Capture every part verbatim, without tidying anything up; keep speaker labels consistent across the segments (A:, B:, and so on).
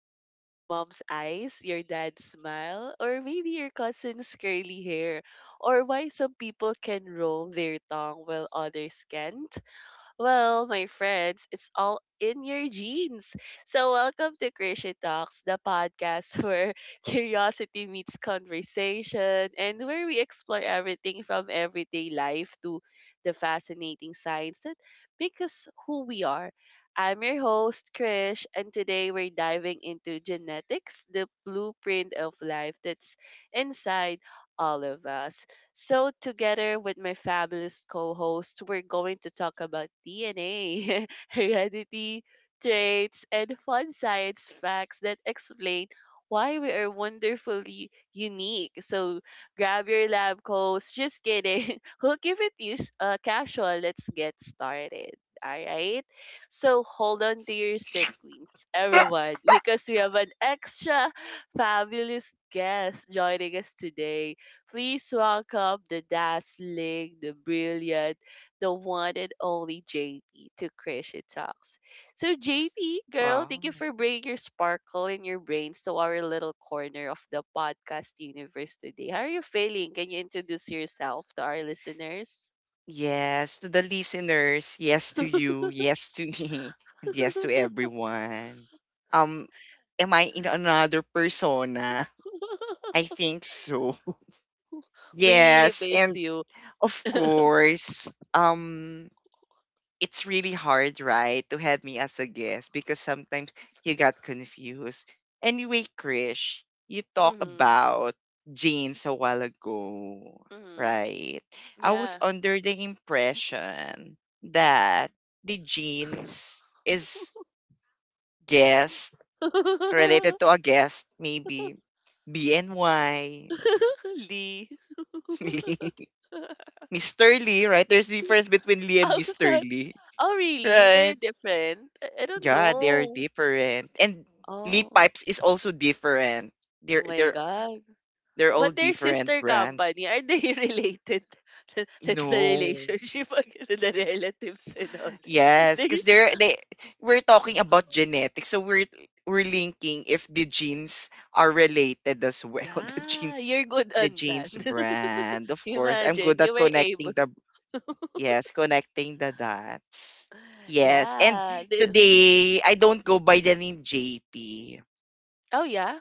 A: mom's eyes, your dad's smile, or maybe your cousin's curly hair? Or why some people can roll their tongue while others can't? Well, my friends, it's all in your genes. So, welcome to Creation Talks, the podcast where curiosity meets conversation and where we explore everything from everyday life to the fascinating science that make us who we are. I'm your host, Krish, and today we're diving into genetics, the blueprint of life that's inside all of us. So, together with my fabulous co host, we're going to talk about D N A, heredity, traits, and fun science facts that explain why we are wonderfully unique. So, grab your lab coats. Just kidding. we'll keep it us- uh, casual. Let's get started. All right. So, hold on to your sick queens, everyone, because we have an extra fabulous guest joining us today. Please welcome the dazzling, the brilliant, the one and only J P to Christian Talks. So, J P, girl, thank you
B: Wow.
A: for bringing your sparkle and your brains to our little corner of the podcast universe today. How are you feeling? Can you introduce yourself to our listeners?
B: Yes, to the listeners, yes to you, yes to me, and yes to everyone. Um, am I in another persona? I think so.
A: We really
B: Yes,
A: miss
B: and
A: you.
B: of course, um it's really hard, right, to have me as a guest because sometimes you got confused. Anyway, Krish, you talk
A: Mm-hmm.
B: about jeans a while ago,
A: Mm-hmm.
B: right? I was
A: Yeah.
B: under the impression that the jeans is guest related to a guest, maybe B N Y.
A: Lee.
B: mister Lee, right? There's difference between Lee and
A: I was
B: mister
A: like,
B: Lee.
A: "Oh, really? They're
B: Right.
A: different? I I don't
B: Yeah, they're
A: know."
B: different. And Lee
A: Oh.
B: Pipes is also different. They're
A: Oh my
B: they're
A: God.
B: they're all
A: But they're
B: different
A: sister
B: brand.
A: company, are they related? That's the
B: No.
A: relationship, again, the relatives and all that.
B: Yes,
A: They,
B: because they're they we're talking about genetics, so we're we're linking if the genes are related as well. The
A: yeah,
B: genes
A: you're good
B: the
A: on that.
B: genes brand. Of course. I'm
A: Imagine
B: good
A: you
B: at
A: were able.
B: connecting the yes, connecting the dots. Yes. And
A: Yeah. They-
B: today I don't go by the name J P.
A: oh, yeah.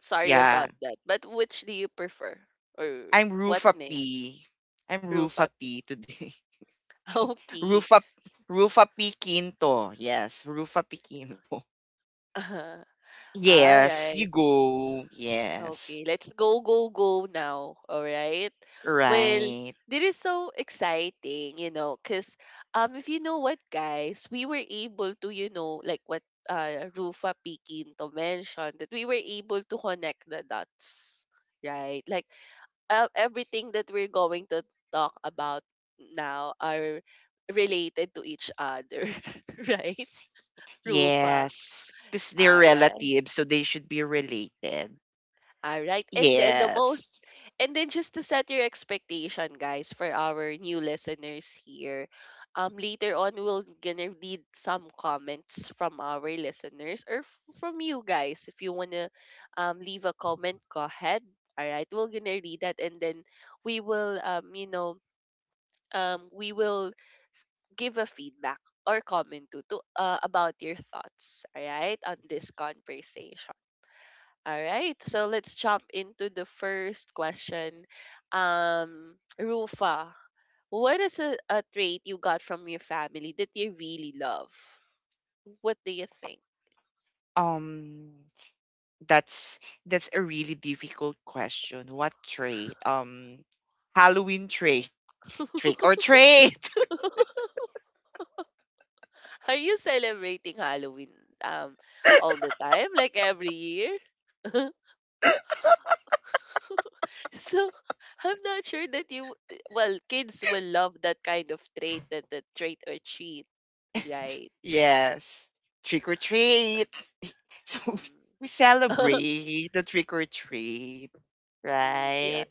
A: Sorry
B: Yeah,
A: about that. But which do you prefer? Or
B: I'm
A: what
B: Rufa
A: name?
B: P. I'm Rufa
A: Rufapi.
B: P today.
A: Okay.
B: Rufa Rufa P Quinto. Yes, Rufa P Quinto.
A: All
B: Yes, you
A: right.
B: go. Yes.
A: Okay, let's go, go, go now. All right. Well,
B: Right.
A: this is so exciting, you know, because um, if you know what, guys, we were able to, you know, like what uh, Rufa Piquinto mentioned, that we were able to connect the dots, right? Like uh, everything that we're going to talk about now are related to each other, right? Rufa.
B: Yes. Because they're
A: All right.
B: relatives, so they should be related.
A: All right. And then the most
B: Yes.
A: and then just to set your expectation, guys, for our new listeners here, um, later on we'll gonna read some comments from our listeners or f- from you guys. If you wanna um leave a comment, go ahead. All right, we're gonna read that, and then we will um, you know, um, we will give a feedback or comment to, to uh, about your thoughts. All right, on this conversation. All right, so let's jump into the first question. Um, Rufa, what is a, a trait you got from your family that you really love? What do you think?
B: Um that's that's a really difficult question. What trait? Um Halloween trait. Trick or trait.
A: Are you celebrating Halloween um all the time, like every year? so I'm not sure that you well, kids will love that kind of trait, that the trait or treat, right?
B: yes. Trick or treat. So
A: Mhm.
B: we celebrate the trick or treat,
A: Mm,
B: right?
A: yeah.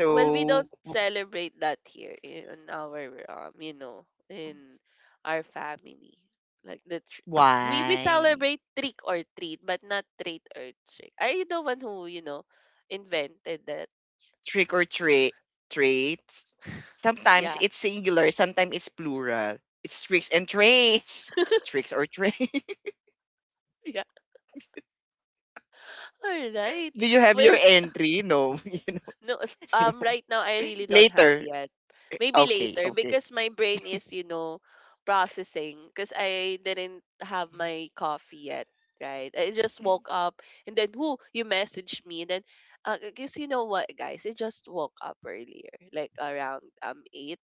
A: Well, we don't celebrate that here in our um you know, in our family like the tr- we we
B: why
A: celebrate trick or treat but not treat or trick. Are you the one who, you know, invented that?
B: trick or treat treats? Sometimes
A: Yeah.
B: it's singular, sometimes it's plural. It's tricks and traits. Tricks or traits.
A: Yeah. All right.
B: Do you have your
A: Well,
B: entry? No.
A: no, s-
B: You know, no.
A: um, right now I really don't have
B: Later.
A: yet. Maybe
B: Okay,
A: later
B: okay.
A: because my brain is, you know, processing because I didn't have my coffee yet, right? I just woke up and then who you messaged me and then, uh, because you know what guys, I just woke up earlier, like around um eight.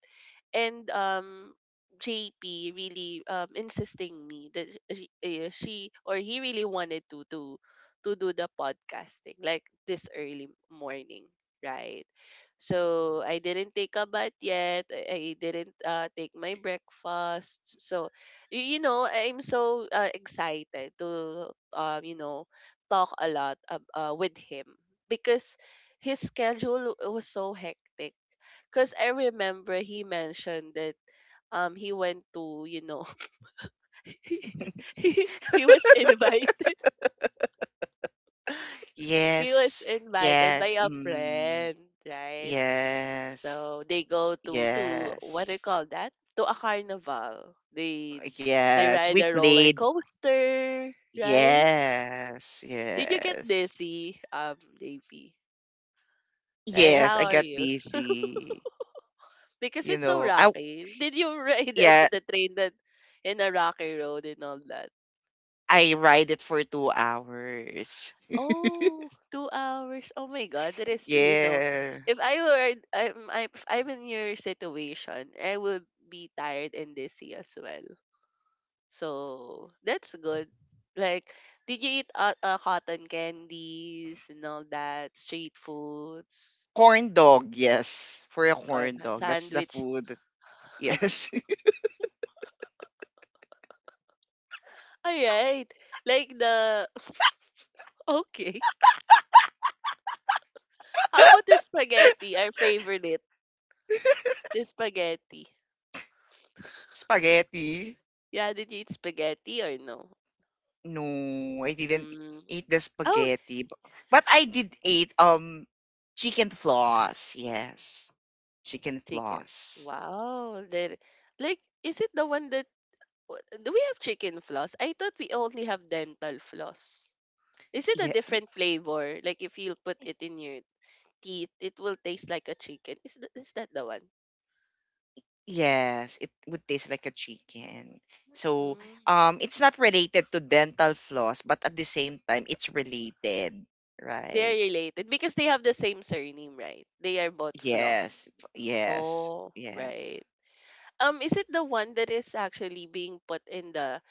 A: And um J P really um insisting me that she, eh, she or he really wanted to to to do the podcasting like this early morning, right? So I didn't take a bath yet. I I didn't, uh, take my breakfast. So y- you know, I'm so uh, excited to, um, you know, talk a lot ab- uh, with him because his schedule was so hectic. Because I remember he mentioned that um he went to, you know, he, he was invited. He was
B: Yes.
A: invited by
B: Yes.
A: a
B: Mm,
A: friend, right?
B: yes.
A: So they go to to what do you
B: Yes.
A: call that? To a carnival. They they
B: Yes.
A: ride
B: We
A: a roller
B: played
A: coaster, right?
B: yes,
A: Did you get
B: yes.
A: dizzy, um, Davy? Like,
B: Yes,
A: how
B: I
A: are
B: got
A: you?
B: dizzy.
A: Because
B: You
A: it's so
B: know, I
A: rocky. Did you ride the,
B: yeah,
A: the train that in a rocky road and all that?
B: I ride it for two hours.
A: Oh, two hours. Oh my God, that is, you know,
B: Yeah.
A: if I were, I'm, I'm, if I'm in your situation, I would be tired and dizzy as well. So that's good. Like, did you eat uh, uh, cotton candies and all that, street foods,
B: Corn dog, yes. For a
A: corn
B: corn dog. That's the
A: sandwich?
B: food. Yes.
A: All right. Like the, okay. How about the spaghetti, our favorite? The spaghetti.
B: Spaghetti.
A: Yeah, did you eat spaghetti or no?
B: No, I didn't
A: Mm.
B: eat the
A: Oh,
B: spaghetti. bu- But I did eat um chicken floss, yes. Chicken
A: chicken.
B: floss.
A: Wow. That, like, is it the one that w- do we have chicken floss? I thought we only have dental floss. Is it a
B: Yeah.
A: different flavor? Like if you put it in your teeth, it will taste like a chicken. Is th- is that the one?
B: Yes, it would taste like a chicken. So,
A: Mm.
B: um, it's not related to dental floss, but at the same time, it's related,
A: They
B: right?
A: are related because they have the same surname, right? They are both
B: Yes,
A: floss.
B: f- yes,
A: Oh,
B: yes,
A: right. Um, is it the one that is actually being put in the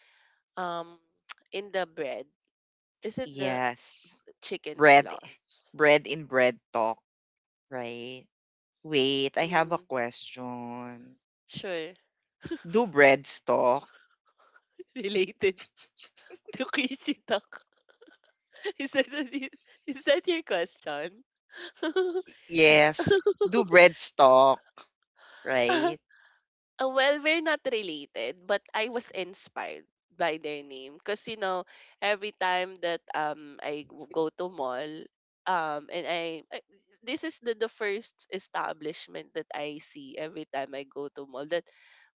A: um in the bread? Is it the
B: yes.
A: chicken
B: Bread,
A: floss?
B: bread in bread talk, right? Wait, I have a
A: Mm.
B: question.
A: Sure.
B: Do breads talk?
A: Related to Kishi talk. Is that, what is that your question? Y-
B: Yes. Do breads talk, right?
A: Uh, well, we're not related, but I was inspired by their name because, you know, every time that um I w- go to mall um and I I- this is the the first establishment that I see every time I go to mall that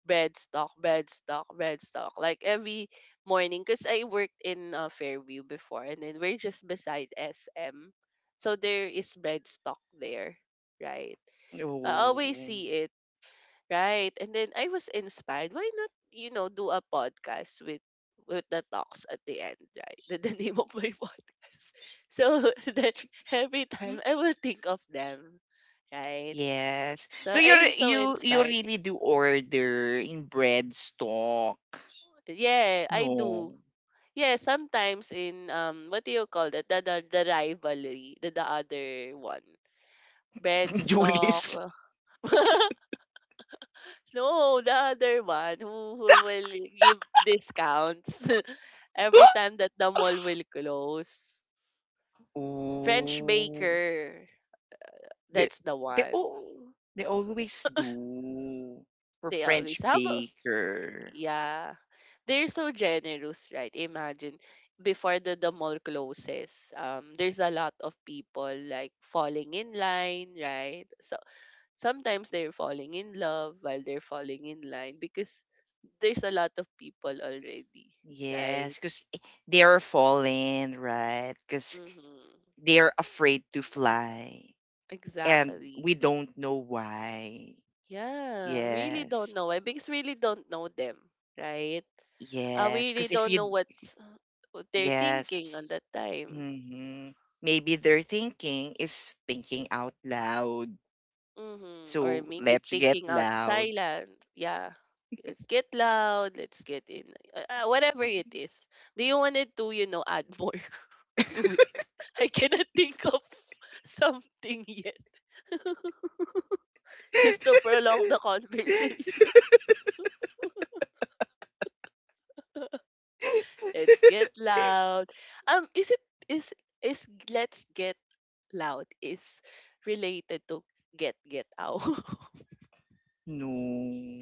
A: bread stock, bread stock, bread stock. Like every morning, because I worked in uh, Fairview before, and then we're just beside S M, so there is bread stock there, right?
B: No.
A: I always see it, right? And then I was inspired. Why not, you know, do a podcast with with the talks at the end, right? The, the name of my podcast. So then every time I will think of them, right?
B: Yes.
A: So
B: So you
A: I'm
B: re-
A: so
B: you you
A: inspired.
B: really do order in bread stock.
A: Yeah, I
B: No.
A: do. Yeah, sometimes in um what do you call that? The the, the rivalry, the, the other one.
B: Julius?
A: Bedstock. No, the other one who, who will give discounts every time that the mall will close. French
B: Oh,
A: Baker,
B: They
A: that's the
B: they
A: one.
B: oh, they always do for
A: They always
B: French
A: have a-
B: baker.
A: yeah. They're so generous, right? Imagine before the, the mall closes, um, there's a lot of people like falling in line, right? So sometimes they're falling in love while they're falling in line because there's a lot of people already, right?
B: Yes, because they are falling, right? Because
A: Mm-hmm.
B: they are afraid to fly. And
A: Exactly.
B: we don't know why.
A: Yeah, really don't
B: Yes.
A: know why because really don't know them, right? I
B: Yes.
A: really
B: Because if
A: don't know
B: you,
A: what's, what they're thinking on
B: yes.
A: that time.
B: hmm Maybe their thinking is thinking out loud.
A: Mm-hmm. Or
B: So
A: maybe
B: let's get
A: thinking out
B: loud.
A: silent. Yeah. Let's get loud. Let's get in. Uh, uh, whatever it is. Do you wanted to, you know, add more to I cannot think of something yet just to prolong the conversation. Let's get loud. Um, is it is is let's get loud is related to get get out?
B: No,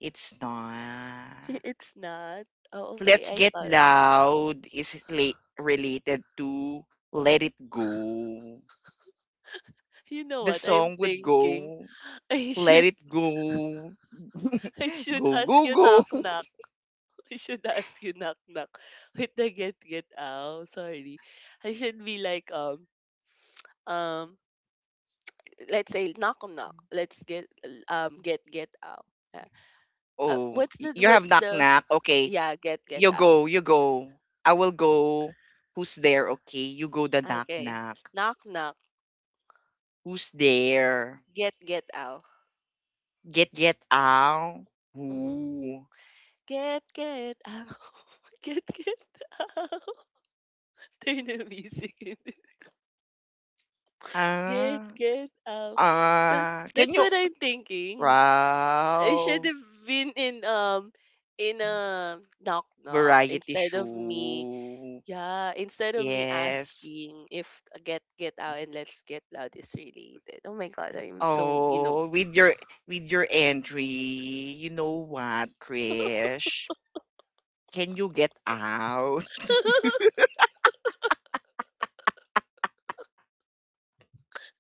B: it's not.
A: It's not. Oh, okay.
B: Let's
A: I
B: get
A: thought.
B: loud is la- related to Let It Go.
A: You know
B: The
A: what? I'm
B: song would
A: thinking.
B: go,
A: I
B: Let
A: should
B: It Go.
A: I should
B: go,
A: ask
B: go,
A: you
B: go.
A: knock knock. I should ask you knock knock with the get get out. Sorry. I should be like um um let's say knock on knock, let's get um get get out, uh, uh,
B: Oh,
A: what's
B: y-
A: the
B: you have
A: what's
B: knock
A: the
B: knock. Okay.
A: yeah get get
B: You
A: out.
B: go, you go. I will go. Who's there? Okay, you go the knock
A: Okay,
B: knock.
A: knock knock.
B: Who's there?
A: get get out.
B: Get get out.
A: Mm-hmm.
B: Who?
A: get get out. get get out. Turn the music in. get
B: Ah.
A: get out. So
B: Ah. Can
A: that's
B: you
A: what I'm thinking. I should
B: wow.
A: have been in um in a knock knock
B: Variety
A: instead of me.
B: show.
A: Yeah, instead of me
B: Yes.
A: asking if, uh, Get Get Out and Let's Get Loud is related. Oh my god, I'm so, you know.
B: Oh, with your with your entry, you know what, Krish? Can you get out?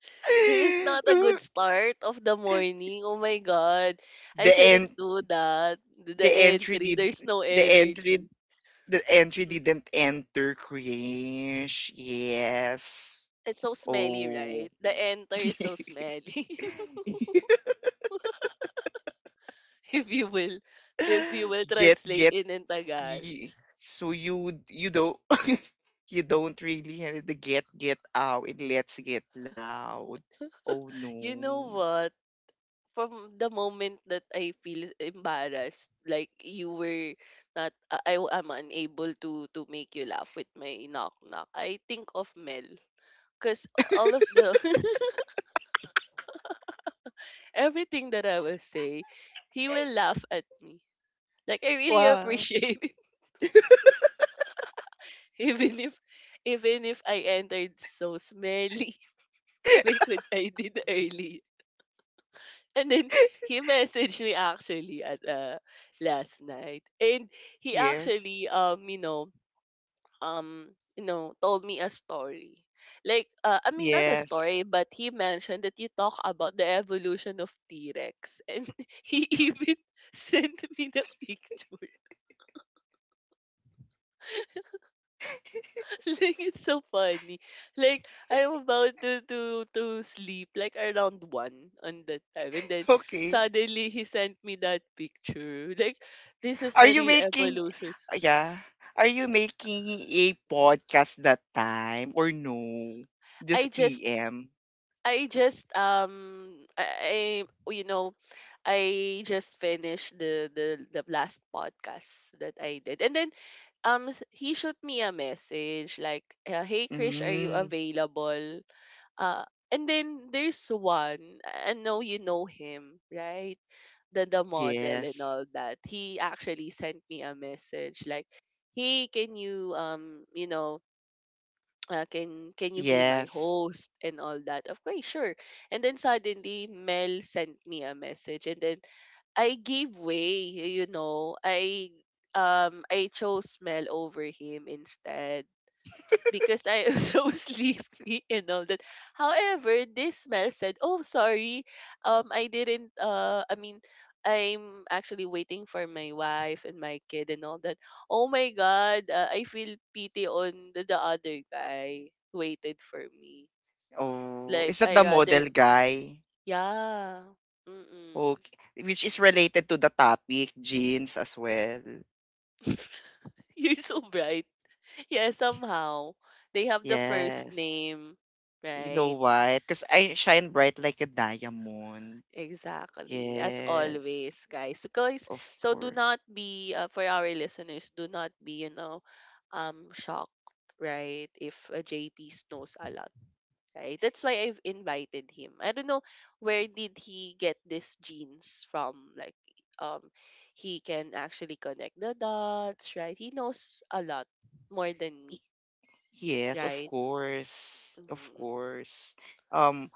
A: This is not a good
B: the
A: start of the morning. Oh my god. I shouldn't
B: end
A: do that. The the
B: the entry
A: entry,
B: did
A: there's no
B: the entry
A: energy.
B: the entry
A: Mm.
B: didn't enter cringe. Yes.
A: It's so smelly,
B: Oh.
A: right? The enter is so smelly. if you will if you will
B: get
A: translate
B: get
A: it in Tagalog.
B: ye- so you you don't you don't really hear the get get out and let's get loud. Oh
A: You
B: no.
A: know what? From the moment that I feel embarrassed, like you were not, uh, I am unable to to make you laugh with my knock knock, I think of Mel, cause all of the everything that I will say, he will laugh at me. Like I really
B: Wow.
A: appreciate it, even if even if I entered so smelly, like what I did early. And then he messaged me actually at, uh, last night, and he
B: Yes.
A: actually um you know um, you know, told me a story. Like, uh, I mean, not a
B: Yes.
A: story, but he mentioned that you talk about the evolution of T Rex. And he even sent me the picture. Like, it's so funny. Like, I'm about to, to, to sleep, like around one on that time. And then
B: Okay.
A: suddenly he sent me that picture. Like, this is
B: Are
A: the
B: you
A: real
B: making
A: evolution.
B: uh, yeah. Are you making a podcast that time or no? Just
A: I just
B: P M.
A: I just um I, I you know I just finished the the the last podcast that I did. And then um s- he shoot me a message like, uh, "Hey Krish, are you
B: Mm,
A: available?" Uh and then there's one, I know you know him, right? The the model and
B: yes.
A: all that. He actually sent me a message like, "Hey, can you um, you know, uh, can can you be my
B: Yes.
A: host and all that?" Of course, sure. And then suddenly Mel sent me a message and then I gave way, you know. I um I chose Mel over him instead because I was so sleepy and all that. However, this Mel said, "Oh, sorry. Um I didn't uh I mean, I'm actually waiting for my wife and my kid and all that. Oh my god, uh, I feel pity on the, the other guy who waited for me.
B: Oh,
A: Like
B: is that the
A: I rather
B: model guy?
A: yeah. Mm.
B: Okay. Which is related to the topic, jeans as well.
A: You're so bright. Yeah, somehow. They have the first
B: Yes.
A: name,
B: You
A: right?
B: know why? Because I shine bright like a diamond.
A: Exactly. As
B: Yes.
A: always, guys. So guys,
B: Of
A: so do
B: course.
A: not be uh, for our listeners, do not be, you know, um shocked, right? If uh, J P knows a lot, right? That's why I've invited him. I don't know where did he get these genes from like um he can actually connect the dots, right? He knows a lot more than me,
B: Yes, of
A: right?
B: course. Of course. Um,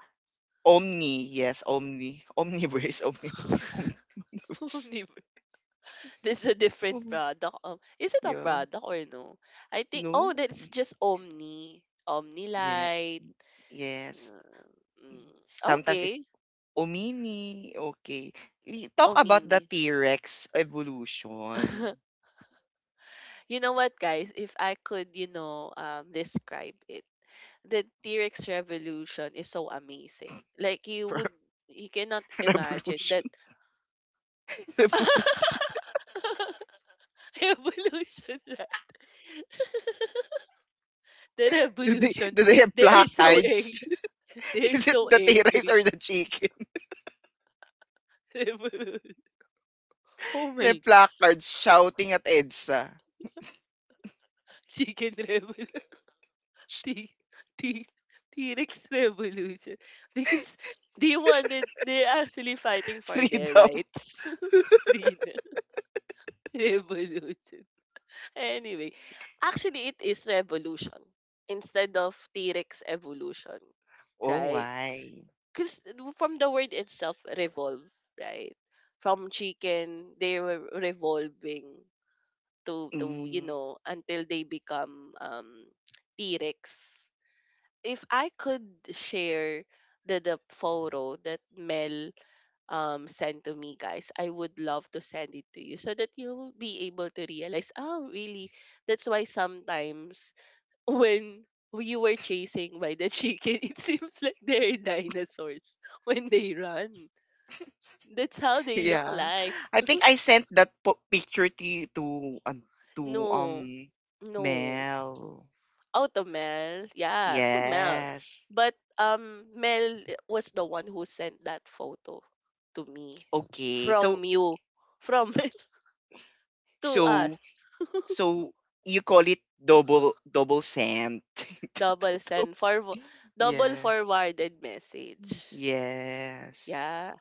A: Mhm.
B: Omni, yes, Omni. Omniverse, Omniverse, Omni- Omniverse.
A: Nib- There's a different
B: Om-
A: product. Um, is it a
B: Yeah,
A: product or no? I think
B: no?
A: oh that's
B: Mm,
A: just Omni. Omni
B: yeah,
A: Light.
B: yes.
A: Uh, Mm,
B: Sometimes it's
A: Okay.
B: Omini. Okay. Li- Talk about the
A: Omni.
B: T-Rex evolution.
A: You know what guys, if I could, you know, um describe it. The T-Rex revolution is so amazing. Like you would you cannot imagine
B: Revolution.
A: that
B: Revolution.
A: evolution that the
B: Do they,
A: revolution
B: do they have
A: they are so angry.
B: placards?
A: They're
B: Is it
A: so
B: the T-Rex
A: angry.
B: or the chicken?
A: Rebel. Oh
B: They
A: my,
B: have placards shouting at EDSA.
A: chicken revolution, t- t- T-Rex revolution. Because they wanted, they're actually fighting for their
B: Freedom.
A: rights. Freedom, revolution. Anyway, actually it is revolution instead of T-Rex evolution,
B: Oh,
A: right?
B: why?
A: Because from the word itself, revolve, right? From chicken, they were revolving to to you
B: Mm.
A: know until they become um T-Rex. If I could share the the photo that Mel um sent to me guys, I would love to send it to you so that you'll be able to realize oh really that's why sometimes when you were chasing by the chicken, it seems like they're dinosaurs when they run. That's how they look
B: Yeah.
A: like.
B: I think I sent that po- picture to you- to um, to
A: No.
B: um
A: No.
B: Mel.
A: Oh, to Mel. Yeah, to Mel.
B: Yes.
A: But um Mel was the one who sent that photo to me
B: Okay. So
A: from you, from to
B: so
A: us.
B: so you call it double double sent.
A: Double send for double
B: Yes.
A: forwarded message.
B: Yes.
A: Yeah.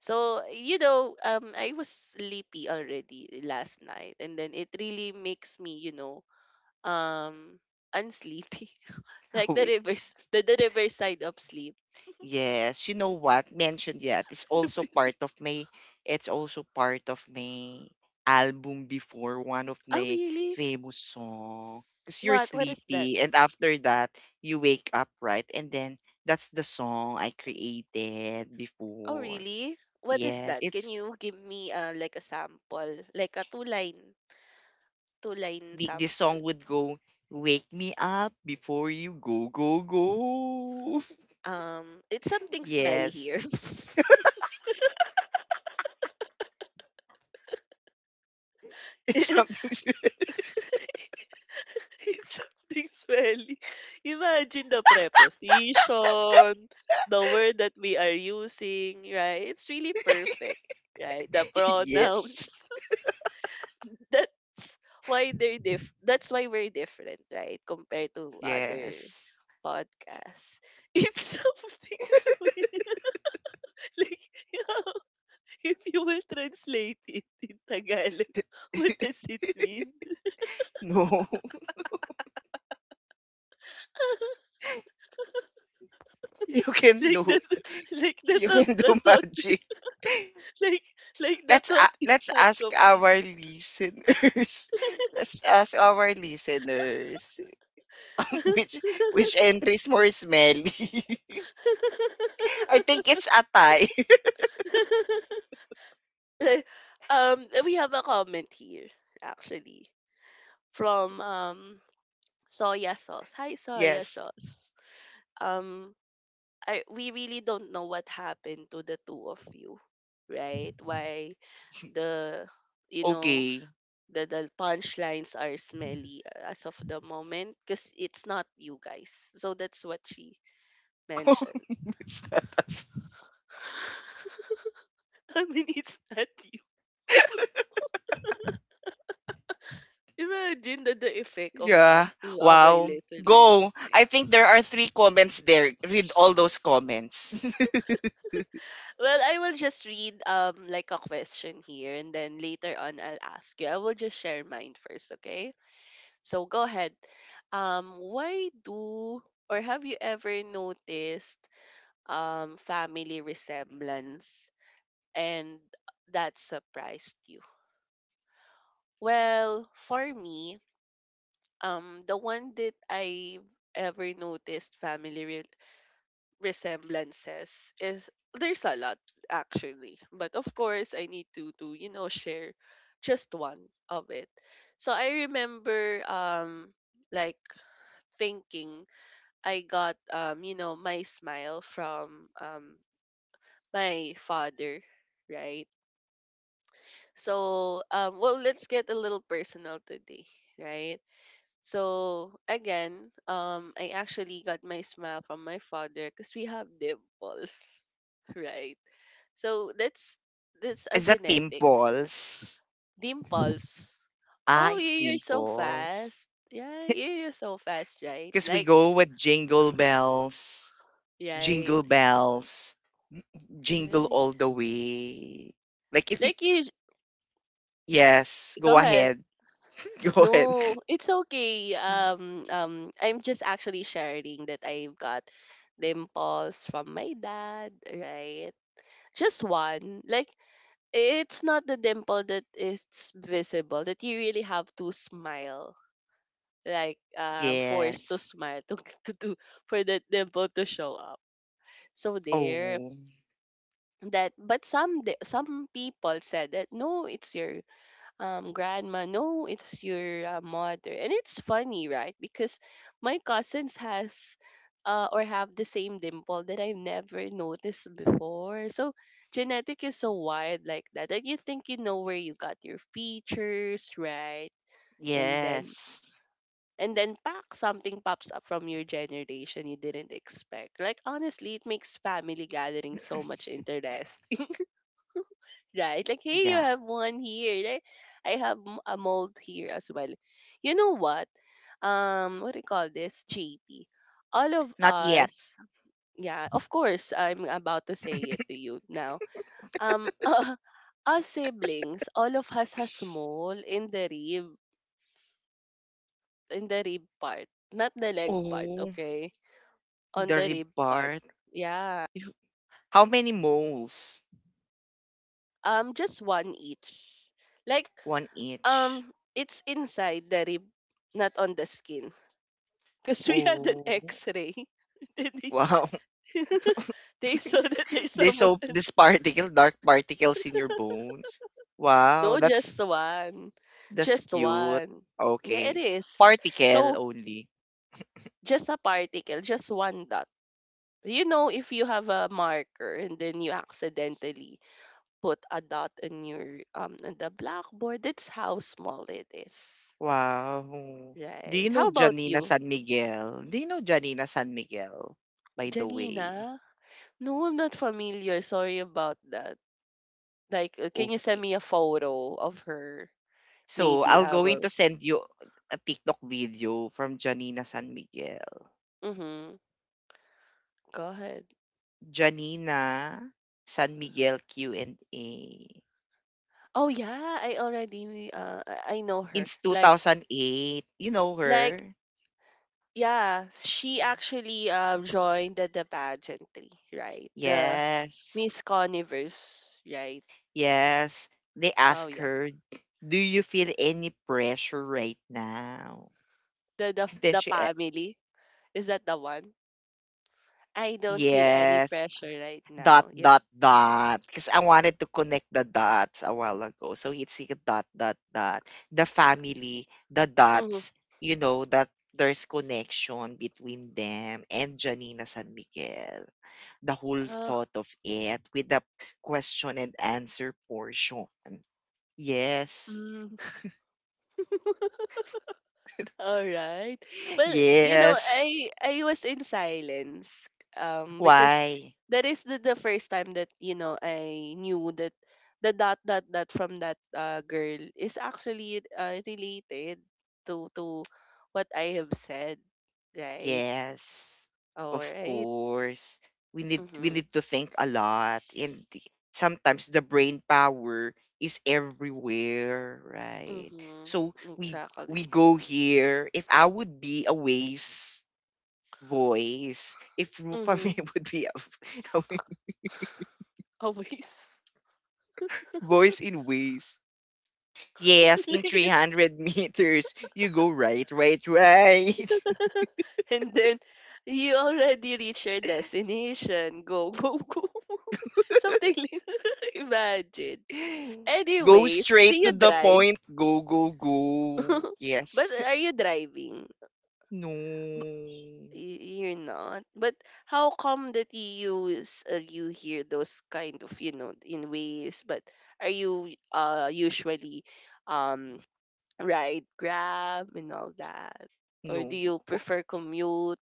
A: So, you know, um I was sleepy already last night and then it really makes me, you know, um unsleepy. Like the reverse the, the reverse side of sleep.
B: Yes, you know what? Mentioned yet. It's also
A: Reverse.
B: part of my it's also part of my album before one of
A: Oh,
B: my
A: really?
B: famous song. Because you're
A: What what is that?
B: sleepy and after that you wake up, right? And then that's the song I created
A: Oh,
B: before.
A: really? What is
B: Yes,
A: that? Can
B: it's
A: you give me uh like a sample? Like a two line two line
B: the the
A: sample.
B: song would go wake me up before you go go go.
A: Um, it's something smelly
B: Yes.
A: here.
B: It's something
A: It's something smelly. Imagine the preposition, the word that we are using, right? It's really perfect, right? The
B: yes.
A: pronouns. That's why they're diff that's why we're different, right? Compared to other
B: Yes.
A: podcast. It's something so weird. Like, yeah, if you will translate it in Tagalog, what does it mean?
B: No, you can
A: Like
B: do
A: the
B: it.
A: like the
B: You
A: thought
B: can do
A: the thought
B: magic.
A: like like the
B: Let's a
A: thought is
B: let's
A: not
B: ask
A: complete.
B: our listeners. Let's ask our listeners which which entry is more smelly. I think it's atay.
A: Eh, um we have a comment here actually from um soya sauce. Hi soya
B: Yes.
A: sauce. Um I We really don't know what happened to the two of you, right? Why the you know
B: Okay.
A: the the punchlines are smelly as of the moment because it's not you guys. So that's what she mentioned.
B: it's not us.
A: I mean, it's not you. Imagine the, the effect of
B: Yeah.
A: us to our
B: Wow. Go.
A: listeners, right?
B: I think there are three comments there. Read all those comments.
A: Well, I will just read um like a question here and then later on I'll ask you. I will just share mine first, okay? So go ahead. Um, why do or Have you ever noticed um, family resemblance and that surprised you? Well, for me, um, the one that I ever noticed family re- resemblances is there's a lot actually, but of course I need to to you know share just one of it. So I remember um like thinking I got um you know my smile from um my father, right? So um well let's get a little personal today, right? So again, um I actually got my smile from my father because we have dimples, right? So that's that's a
B: Is that
A: genetic
B: pimples?
A: dimples.
B: Ah,
A: Oh, you
B: it's
A: you're so
B: dimples.
A: fast. Yeah, you you're so fast, right?
B: Because we
A: Like
B: go with jingle bells,
A: right,
B: jingle bells, jingle
A: yeah.
B: all the way. Like if you,
A: Like you
B: yes,
A: go
B: go
A: ahead.
B: ahead. Go ahead.
A: No, it's okay. Um, um, I'm just actually sharing that I've got dimples from my dad, right? Just one. Like it's not the dimple that is visible, that you really have to smile, like um, forced to
B: Yes.
A: smile to, to to for the dimple to show up. So there
B: Oh,
A: that but some di- some people said that no, it's your um, grandma. No, it's your uh, mother. And it's funny, right? Because my cousins has uh, or have the same dimple that I've never noticed before. So genetic is so wild like that. That you think you know where you got your features, right? And then
B: yes.
A: and then pack something pops up from your generation you didn't expect. Like honestly, it makes family gatherings so much interest right? Like, hey, you
B: Yeah.
A: have one here. Like, I have m- a mold here as well. You know what? Um, what do you call this? J P. All of
B: Not yet.
A: us, yeah, of course, I'm about to say it to you now. Um, uh, us siblings, all of us has mole in the rib, in the rib part, not the leg part,
B: Oh,
A: okay? On
B: the
A: the
B: rib
A: rib part.
B: part.
A: Yeah.
B: You- how many moles?
A: Um, just one each. Like,
B: One each.
A: um, it's inside the rib, not on the skin. Because we had an
B: Oh,
A: X-ray. Then they,
B: wow.
A: they saw that there's
B: this
A: someone.
B: so
A: On-
B: this particle, dark particles in your bones. Wow,
A: No, just
B: that's
A: one,
B: That's
A: just
B: cute.
A: one. Yeah, it
B: Okay.
A: is.
B: Particle
A: So
B: only.
A: just a particle, just one dot. You know, if you have a marker and then you accidentally put a dot in your um on the blackboard, that's how small it is.
B: Wow. Do
A: Right.
B: you know
A: How about
B: Janina
A: you,
B: San Miguel? Do you know Janina San Miguel? By the way.
A: Janina? No, I'm not familiar. Sorry about that. Like, uh, can you send
B: Okay.
A: me a photo of her?
B: So
A: Maybe
B: I'll
A: I
B: going
A: will.
B: to send you a TikTok video from Janina San Miguel.
A: Mm-hmm. Go ahead.
B: Janina San Miguel Q and A.
A: Oh yeah, I already uh I I know her.
B: It's
A: Like
B: two thousand eight. You know
A: like
B: her?
A: yeah, she actually uh joined the, the pageantry, right? The
B: Yes.
A: Miss Coniverse, right?
B: Yes, they
A: Oh
B: ask
A: yeah.
B: her, "Do you feel any pressure right now?"
A: The the
B: then
A: the
B: she, a-
A: family. Is that the one? I don't feel any
B: yes,
A: pressure right
B: dot
A: now. Yeah.
B: dot dot. Because I wanted to connect the dots a while ago, so it's like a dot dot dot. The family, the
A: Mm-hmm.
B: dots. You know that there's connection between them and Janina San Miguel. The whole
A: Uh,
B: thought of it with the question and answer portion. Yes.
A: mm, Alright. Well, you know,
B: Yes.
A: I I was in silence um because
B: Why?
A: that is the, the first time that you know I knew that the dot dot dot from that uh, girl is actually uh, related to to what I have said, right?
B: Yes. Of
A: Alright.
B: course. We need we
A: Mhm.
B: need to think a lot and the- sometimes the brain power is everywhere, right?
A: Mhm.
B: So we we
A: Exactly.
B: go here. If I would be a waste voice, if Rufa May
A: Mhm.
B: would be a, a
A: Always.
B: voice in waste. Yes, in three hundred meters, you go right, right, right.
A: And then you already reach your destination. Go, go, go. Something like imagine.
B: Go
A: Anyways, do
B: straight to
A: you
B: the
A: drive?
B: point. Go, go, go.
A: But
B: Yes.
A: are you driving?
B: No.
A: Y- You're not. But how come that you use uh, you hear those kind of you know in ways? But are you uh usually um ride Grab and all that, or
B: No.
A: do you
B: W-
A: prefer commute?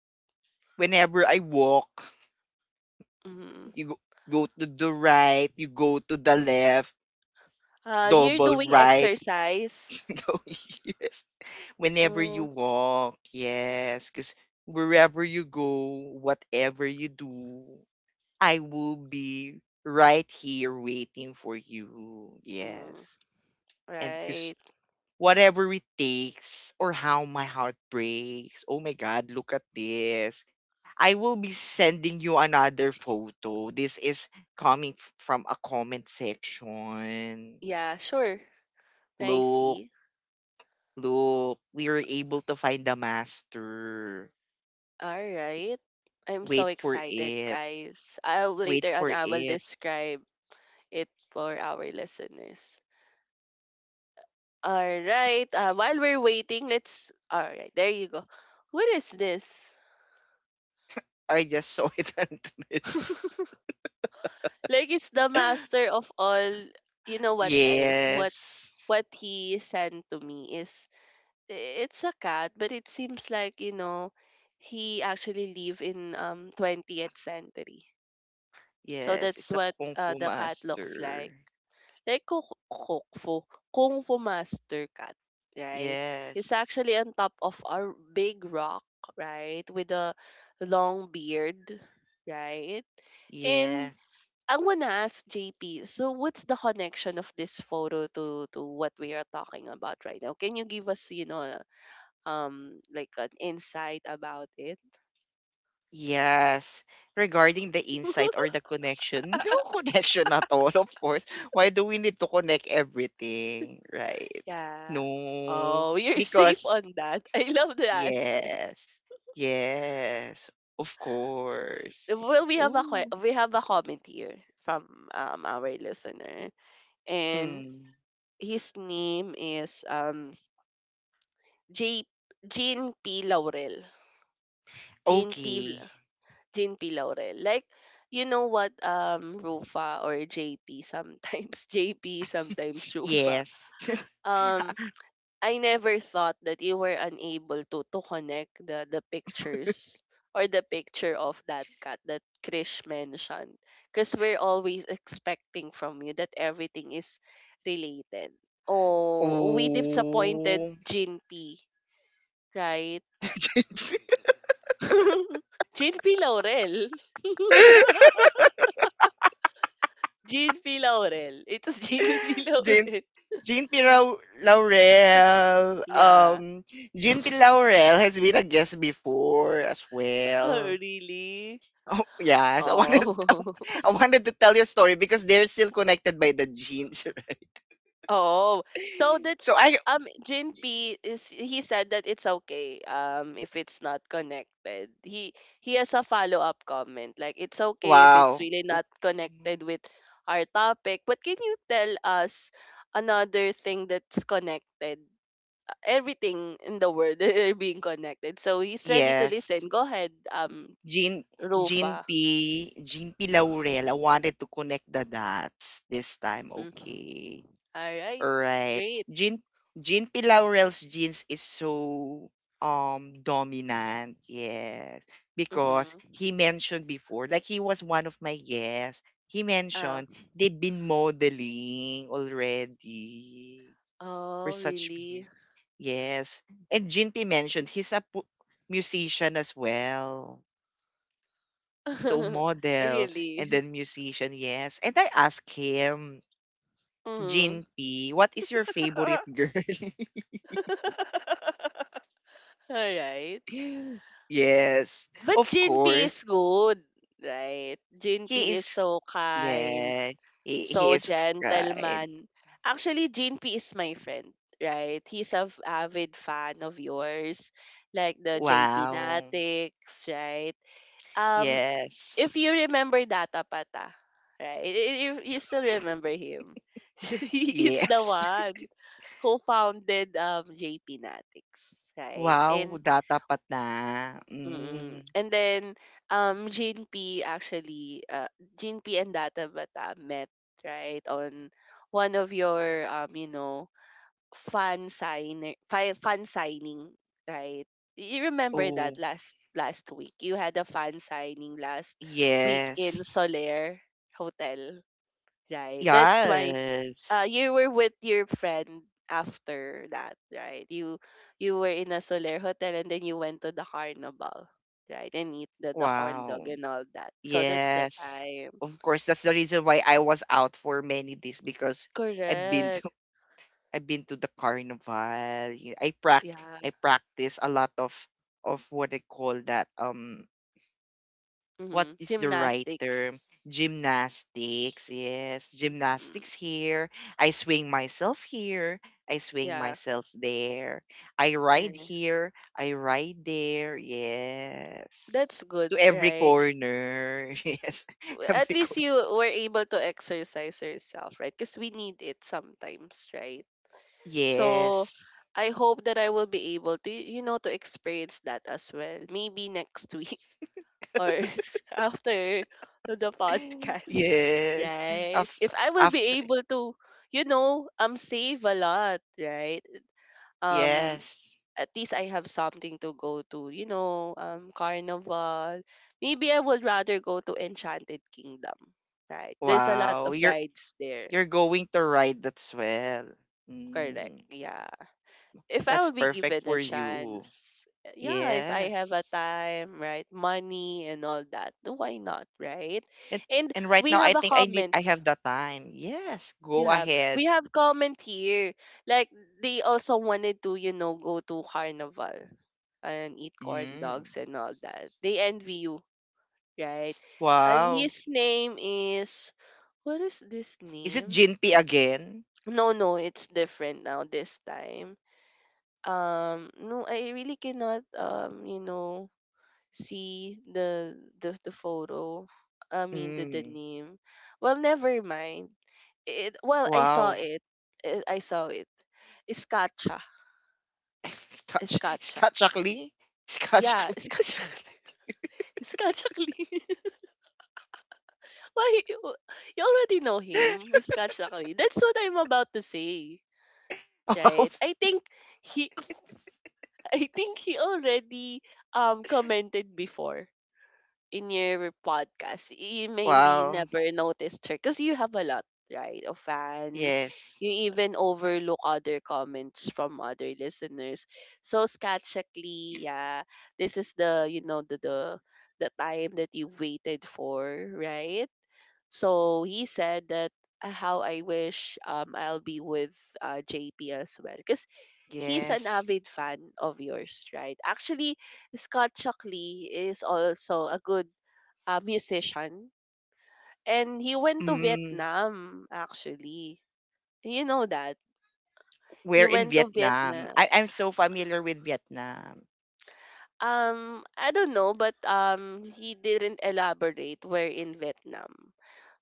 B: Whenever I walk,
A: Mm-hmm.
B: you go, go to the right, you go to the left,
A: Uh, you're
B: double
A: doing
B: right.
A: exercise.
B: No, yes. Whenever you
A: Mm,
B: walk, yes. Because wherever you go, whatever you do, I will be right here waiting for you.
A: mm,
B: Yes. And because
A: right.
B: whatever it takes or how my heart breaks. Oh my God, look at this. I will be sending you another photo. This is coming f- from a comment section.
A: Yeah, sure. I
B: Look,
A: see.
B: look, we were able to find the master.
A: All right. I'm so
B: Wait for
A: excited,
B: it.
A: guys. I'll
B: Wait
A: later on
B: for
A: I will
B: it.
A: describe it for our listeners. All right. Uh, while we're waiting, let's. All right. There you go. What is this?
B: I just saw it on Threads.
A: Like it's the master of all. You know what, guys? What
B: Yes.
A: what he sent to me is it's a cat, but it seems like, you know, he actually live in um twentieth century. So
B: Yes,
A: that's
B: it's a
A: what
B: Kung
A: uh,
B: Fu
A: the cat looks
B: master.
A: like. Like Kung Kung Fu, Kung Fu Master Cat, right? He's
B: Yes.
A: actually on top of a big rock, right? With a long beard, right? And
B: Yes.
A: I want to ask J P, so what's the connection of this photo to to what we are talking about right now? Can you give us, you know, um like an insight about it.
B: Yes. Regarding the insight or the connection, no connection at all, of course. Why do we need to connect everything, right?
A: Yeah.
B: No.
A: Oh, you're safe
B: Because,
A: on that. I love the answer.
B: yes. Yes. Of course.
A: Well, we have a
B: Ooh.
A: que- we have a comment here from um our listener, and
B: Mm.
A: his name is um J Jean P Laurel. Jean P
B: Okay.
A: L- Jean P Laurel. Like you know what um Rufa or J P sometimes J P sometimes Rufa.
B: Yes.
A: Um I Never thought that you were unable to to connect the the pictures or the picture of that cat that Krish mentioned. Because we're always expecting from you that everything is related. Oh, we disappointed
B: Oh.
A: Jin P, right? Jin P Laurel. Jin P Laurel. It's was Jin P
B: Jane
A: Laurel.
B: jean P. Lau- Laurel.
A: Yeah.
B: Um, Jane P. Laurel has been a guest before as
A: Oh,
B: well.
A: really?
B: Oh yes, I wanted
A: Oh.
B: I wanted to tell your story because they're still connected by the genes, right?
A: Oh, so that's
B: So I
A: um Jinpy is, he said that it's okay, um if it's not connected. He he has a follow-up comment, like it's okay if it's
B: wow.
A: really not connected with our topic. But can you tell us another thing that's connected? Everything in the world are being connected. So he's ready to listen.
B: Yes.
A: Go ahead, um
B: Jean Jean
A: Rufa.
B: P Jean P Laurel. I wanted to connect the dots this time.
A: Mhm.
B: Okay.
A: All right.
B: Right.
A: Great.
B: Jean Jean P. Laurel's jeans is so um dominant. Yes. Because
A: Mhm.
B: he mentioned before, like he was one of my guests. He
A: Uh,
B: mentioned they've been modeling already for
A: oh,
B: such
A: really?
B: meaning. Yes. And Jean P mentioned he's a pu- musician as well. So model and
A: Really?
B: then musician, yes. And I asked him,
A: Mhm.
B: Jin P, what is your favorite girl?
A: Alright.
B: Yes,
A: But
B: of
A: J N P is
B: course.
A: good, right?
B: He
A: J N P is
B: is,
A: so kind,
B: yeah, he, he
A: so
B: is kind.
A: gentleman. Actually, J N P is my friend, right? He's a f- avid fan of yours, like the J P
B: Wow.
A: Natics, right? Um,
B: Yes.
A: if you remember Data Pata, right? You, you still remember him. He is the
B: Yes.
A: one who founded um J P Natics, right?
B: Wow,
A: And
B: datapat na.
A: mm
B: Mm.
A: and then um Gene P actually, uh Gene P and Data Bata met right on one of your um you know fan signer fi- fan signing, right? You remember that
B: Oh,
A: last last week? You had a fan signing last week in
B: yes.
A: Soler Hotel, right? That's why uh
B: Yes.
A: you were with your friend after that, right? You you were in a Soler Hotel and then you went to the carnival, right? And eat the, the horn dog
B: Wow.
A: and all that. So that's the
B: Yes.
A: time.
B: Of course, that's the reason why I was out for many days because I've been
A: Correct.
B: I've been to the carnival. y- I prac
A: Yeah.
B: I practice a lot of of what I call that um what
A: Mm-hmm.
B: is the right term?
A: Gymnastics.
B: Gymnastics. Yes,
A: Mm-hmm.
B: gymnastics here. I swing myself here. I swing
A: Yeah.
B: myself there. I ride
A: Yeah.
B: here. I ride there. Yes.
A: That's good,
B: To every
A: right?
B: corner. Yes.
A: W- At
B: Every
A: least
B: corner.
A: you were able to exercise yourself, right? Because we need it sometimes, right? So
B: Yes.
A: I hope that I will be able to, you know, to experience that as well. Maybe next week or after the podcast,
B: Yes. Of
A: right? If I will
B: after
A: be able to, you know, um, save a lot, right? um
B: yes
A: at least I have something to go to, you know, um, carnival. Maybe I would rather go to Enchanted Kingdom, right? There's a lot
B: wow,
A: of
B: you're
A: rides there.
B: you're going to ride that swell.
A: Correct.
B: Mm,
A: Yeah. If I
B: that's
A: would be
B: perfect
A: given a
B: for you.
A: chance, yeah, if I have a
B: Yes.
A: time, right? Money and all that, why not, right?
B: And
A: And
B: and right
A: we
B: now I
A: have a
B: think I need
A: comment.
B: I have the time. Yes,
A: You
B: go
A: have. We
B: ahead.
A: have comment here. Like they also wanted to, you know, go to carnival and eat corn
B: Mm.
A: dogs and all that. They envy you, right? And
B: Wow.
A: his name is, what is this
B: Is it
A: name?
B: Jinpy again?
A: No, no, it's different now this time. Um, no, I really cannot, um, you know, see the the, the photo. I mean, the, the
B: Mm.
A: name. Well, never mind it. Well, I saw
B: Wow.
A: it. Eh, I saw it. Iskacha,
B: Scotch
A: iskacha
B: Scott Shockley? Scott
A: yeah,
B: Shockley.
A: iskacha iskacha Clee. Why, you already know him, iskacha Clee. That's what I'm about to say,
B: Wow.
A: right? I think he I think he already um commented before in your podcast. You maybe
B: Wow.
A: never noticed her because you have a lot, right, of fans.
B: Yes.
A: You even overlook other comments from other listeners. So Skatchakli, yeah, this is the you know the the the time that you waited for, right? So he said that, uh, how I wish, um I'll be with, uh, J P as well because he's an
B: Yes.
A: avid fan of yours, right? Actually, Scott Shockley is also a good a musician, and he went to
B: Mm.
A: Vietnam actually. You know that. He
B: We're in
A: went to
B: Vietnam.
A: Vietnam.
B: I, I'm so familiar with Vietnam.
A: Um, I don't know, but um, he didn't elaborate where in Vietnam.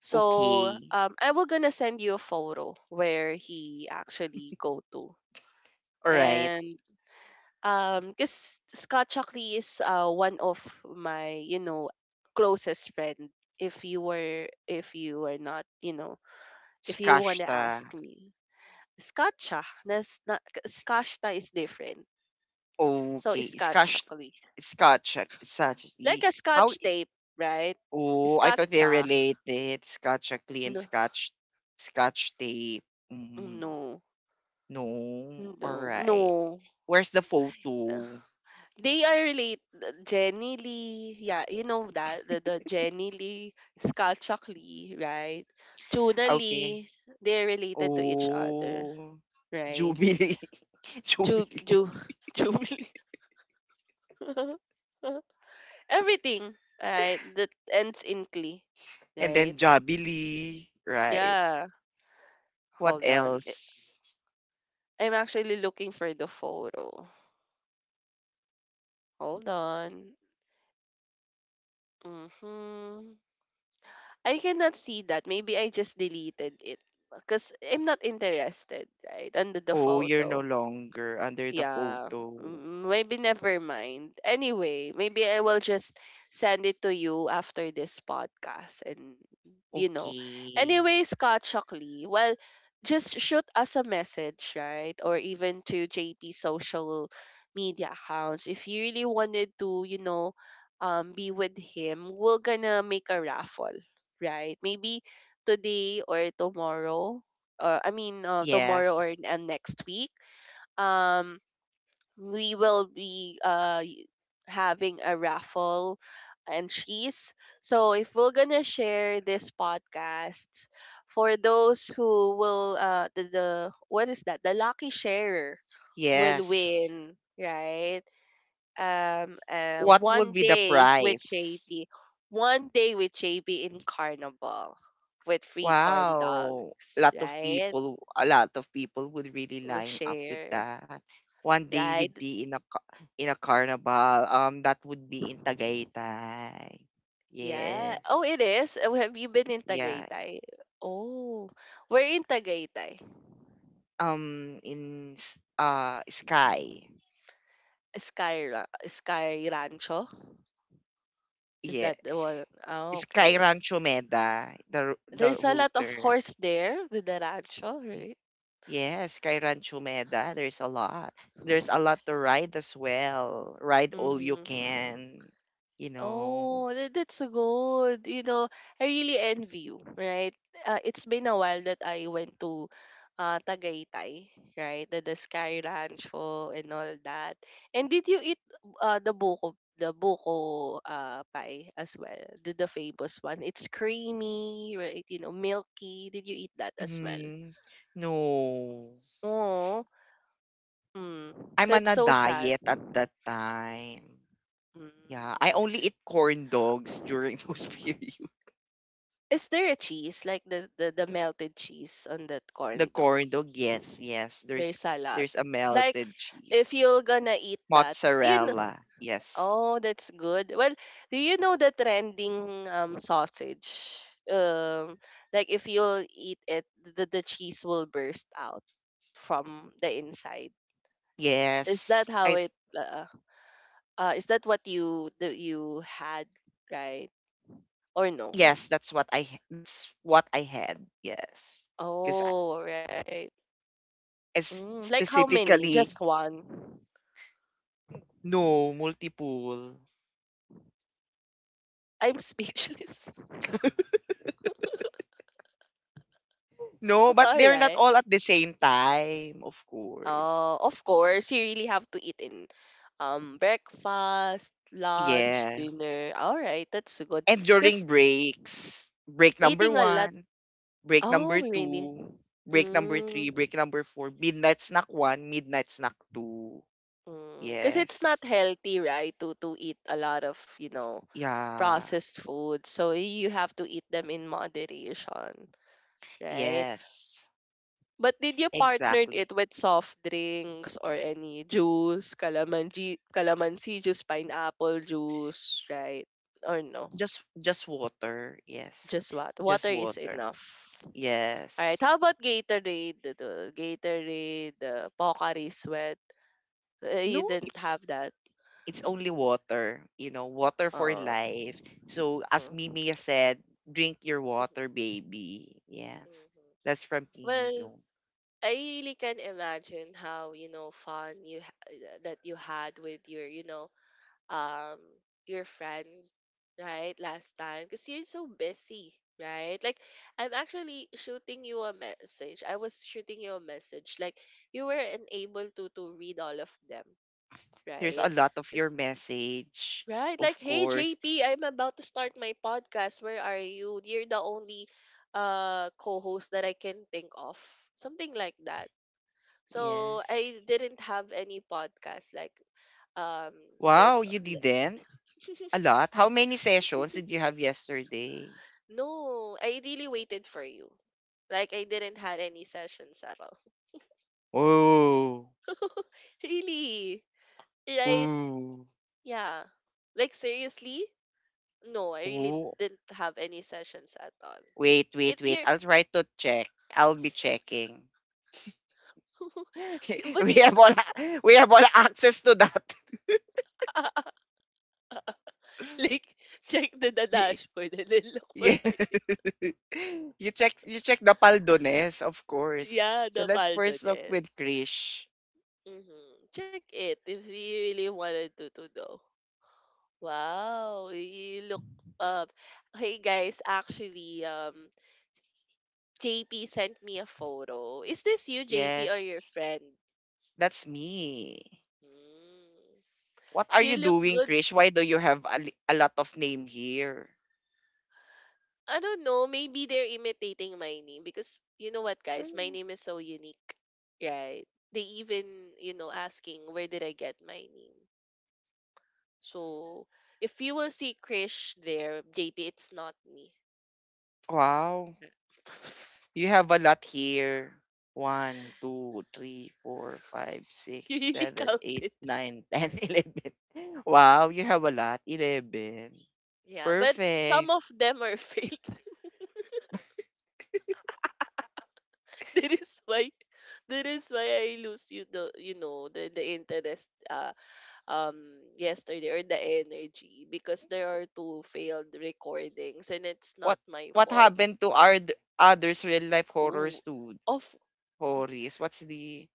A: So,
B: Okay.
A: um, I will gonna send you a photo where he actually go to.
B: All right.
A: And, um, because Scott Shockley is, uh, one of my, you know, closest friend. If you were, if you are not, you know, if you want to
B: Skashta.
A: ask me, Scotcha. That's not. Scotcha is different. So it's
B: Okay.
A: Scotch
B: Skash.
A: chocolate.
B: Scotch. Such.
A: Like a Scotch
B: How? E,
A: tape, right?
B: oh, I thought they
A: Scotcha.
B: related. Scotch uh, clean.
A: No,
B: Scotch. Scotch tape. Mm,
A: no,
B: no. All
A: no,
B: right.
A: no.
B: Where's the photo?
A: They are related. Jenny Lee. Yeah, you know that. The, the Jenny Lee, Scotch Lee, right? Tuna
B: Okay.
A: Lee. They're related to each other,
B: Oh.
A: right?
B: Jubilee.
A: Ju,
B: Jubilee.
A: Ju, Jubilee. Everything, right? That ends in Klee,
B: And
A: right?
B: then Jubilee. Right.
A: Yeah,
B: What
A: hold on. I-
B: else?
A: I'm actually looking for the photo. Hold on. Mm-hmm. I cannot see that. Maybe I just deleted it because I'm not interested, right? Under the
B: Oh, you're no
A: photo.
B: longer under the
A: Yeah.
B: photo.
A: Mm, Maybe never mind. Anyway, maybe I will just send it to you after this podcast and you know.
B: Okay.
A: Anyway, Scott Shockley, well, just shoot us a message, right? Or even to J P social media accounts. If you really wanted to, you know, um be with him, we're gonna make a raffle, right? Maybe today or tomorrow. Or I mean, uh, tomorrow or
B: Yes.
A: and next week. Um we will be, uh, y- having a raffle and cheese. So if we're gonna share this podcast for those who will, uh the, the what is that, the lucky sharer will
B: Yes.
A: win, right? um uh
B: What would
A: one
B: be the
A: day with
B: price?
A: J P, one day with J P in carnival with free corn
B: Wow. A
A: dogs,
B: lot of
A: right?
B: people, a lot of people would really
A: We'll
B: line up with
A: share,
B: that. One day we'd
A: right.
B: be in a ca- in a carnival. Um, that would be in Tagaytay.
A: Yeah. Oh,
B: Yes.
A: it is? Oh, have you been in
B: Yeah.
A: Tagaytay? Oh, we're in Tagaytay.
B: Um, in s- uh Sky.
A: Sky, Ra- Sky Rancho? Is
B: Yeah.
A: that the one? Oh,
B: Sky
A: okay.
B: Rancho Meda, the r- the
A: There's a
B: whole
A: lot of
B: term.
A: horse there with the rancho, right?
B: Yes, Sky Rancho Meda. There's a lot. There's a lot to ride as well. Ride all you
A: Mm-hmm.
B: can, you know.
A: Oh, tha- that's so good. You know, I really envy you, right? Uh, it's been a while that I went to, uh, Tagaytay, right? The, the Sky Rancho and all that. And did you eat, uh, the buko, the buko, uh, pie as well? The, the famous one. It's creamy, right? You know, milky. Did you eat that as well?
B: Mhm. No.
A: Oh, mm,
B: I'm on
A: that's
B: a
A: so sad.
B: diet at that time. Yeah, I
A: Mm.
B: only eat corn dogs during those periods.
A: Is there a cheese like the, the the melted cheese on that
B: The
A: corn dog?
B: corn dog, yes, yes.
A: There's
B: There's
A: a lot.
B: there's a
A: Like
B: melted
A: if
B: cheese.
A: you're gonna eat that, you know,
B: Mozzarella, yes.
A: oh, that's good. Well, do you know the trending um sausage? Um, like if you'll eat it, the the cheese will burst out from the inside. Is that
B: Yes.
A: how
B: I
A: it? Uh, uh is that what you that you had, right? Or no?
B: Yes, that's what I h- that's what I had. Yes. Because
A: Oh, right.
B: it's
A: Mm, like how many?
B: specifically,
A: Just one?
B: no multiple.
A: I'm speechless.
B: No, but
A: All
B: they're not
A: right.
B: all at the same time, of course.
A: Uh, of course, you really have to eat in, um breakfast, lunch,
B: Yeah.
A: dinner. All right, that's good.
B: And
A: Cause
B: during breaks, break number
A: eating a lot.
B: one, break number
A: Oh, really?
B: two, break number
A: Mm,
B: three, break number four, midnight snack one, midnight snack two.
A: mm. Cause it's not
B: Yes.
A: healthy, right? To to eat a lot of you know
B: Yeah.
A: processed food. So you have to eat them in moderation, right?
B: Yes.
A: But did you partnered it
B: Exactly.
A: with soft drinks or any juice, calamansi, calamansi juice, pineapple juice, right? Or no?
B: Just just water. Yes.
A: Just what? Water
B: Just
A: is
B: water.
A: enough. Alright,
B: Yes.
A: how about Gatorade? The- the Gatorade, the Pocari Sweat. Uh, you
B: No,
A: didn't
B: it's
A: have that.
B: it's only water. You know, water for
A: Uh,
B: life. So as
A: mm.
B: Mimi said, drink your
A: Mhm,
B: water, baby. Yes.
A: mhm.
B: That's from
A: Well,
B: Mimi yung.
A: I really can imagine how, you know, fun you ha- that you had with your, you know, um your friend, right, last time because you're so busy, right, like i'm actually shooting you a message I was shooting you a message, like you were unable to to read all of them,
B: There's a
A: right.
B: lot of your
A: 'Cause-
B: message,
A: right, like,
B: of
A: hey
B: course.
A: JP, I'm about to start my podcast. Where are you? You're the only, uh co-host that I can think of. Something like that. So
B: Yes.
A: I didn't have any podcast, like, um like
B: Wow, you didn't? A lot? How many sessions did you have yesterday?
A: no, I really waited for you. Like I didn't had any sessions at all.
B: Oh.
A: Really? Right?
B: Ooh.
A: Yeah. Like seriously? No, I really
B: Ooh.
A: didn't have any sessions at all.
B: Wait,
A: It
B: wait, wait.
A: you're
B: I'll try to check. I'll be checking.
A: but
B: we
A: it,
B: have all we have all access to that.
A: like check the, the
B: Y-
A: dashboard and then look for
B: yeah.
A: my name.
B: you check you check the Paldones, of course.
A: Yeah,
B: So
A: the
B: let's first talk with
A: Faldones.
B: Krish.
A: Mm-hmm. Check it if you really wanted to to know. Wow, you look up. Hey guys, actually, um J P sent me a photo. Is this you, J P, or your
B: Yes.
A: friend?
B: That's me.
A: Hmm.
B: What are
A: You
B: you
A: look
B: doing,
A: good.
B: Krish? Why do you have a, li- a lot of name here?
A: I don't know. Maybe they're imitating my name because you know what, guys?
B: Ay,
A: My name is so unique, right? They even, you know, asking where did I get my name. So if you will see Krish there, J P, it's not me.
B: wow. You have a lot here. One, two, three, four, five, six,
A: You really
B: seven, eight,
A: counted.
B: nine, ten, eleven. Wow, you have a lot. Eleven.
A: Yeah, but some
B: Perfect.
A: of them are fake. That is why that is why I lose you the you know the the interest, uh um yesterday or the energy because there are two failed recordings and it's
B: What
A: not my
B: what
A: fault.
B: happened to our d- others real life
A: Ooh.
B: horrors to
A: Of y-
B: horrors? What's the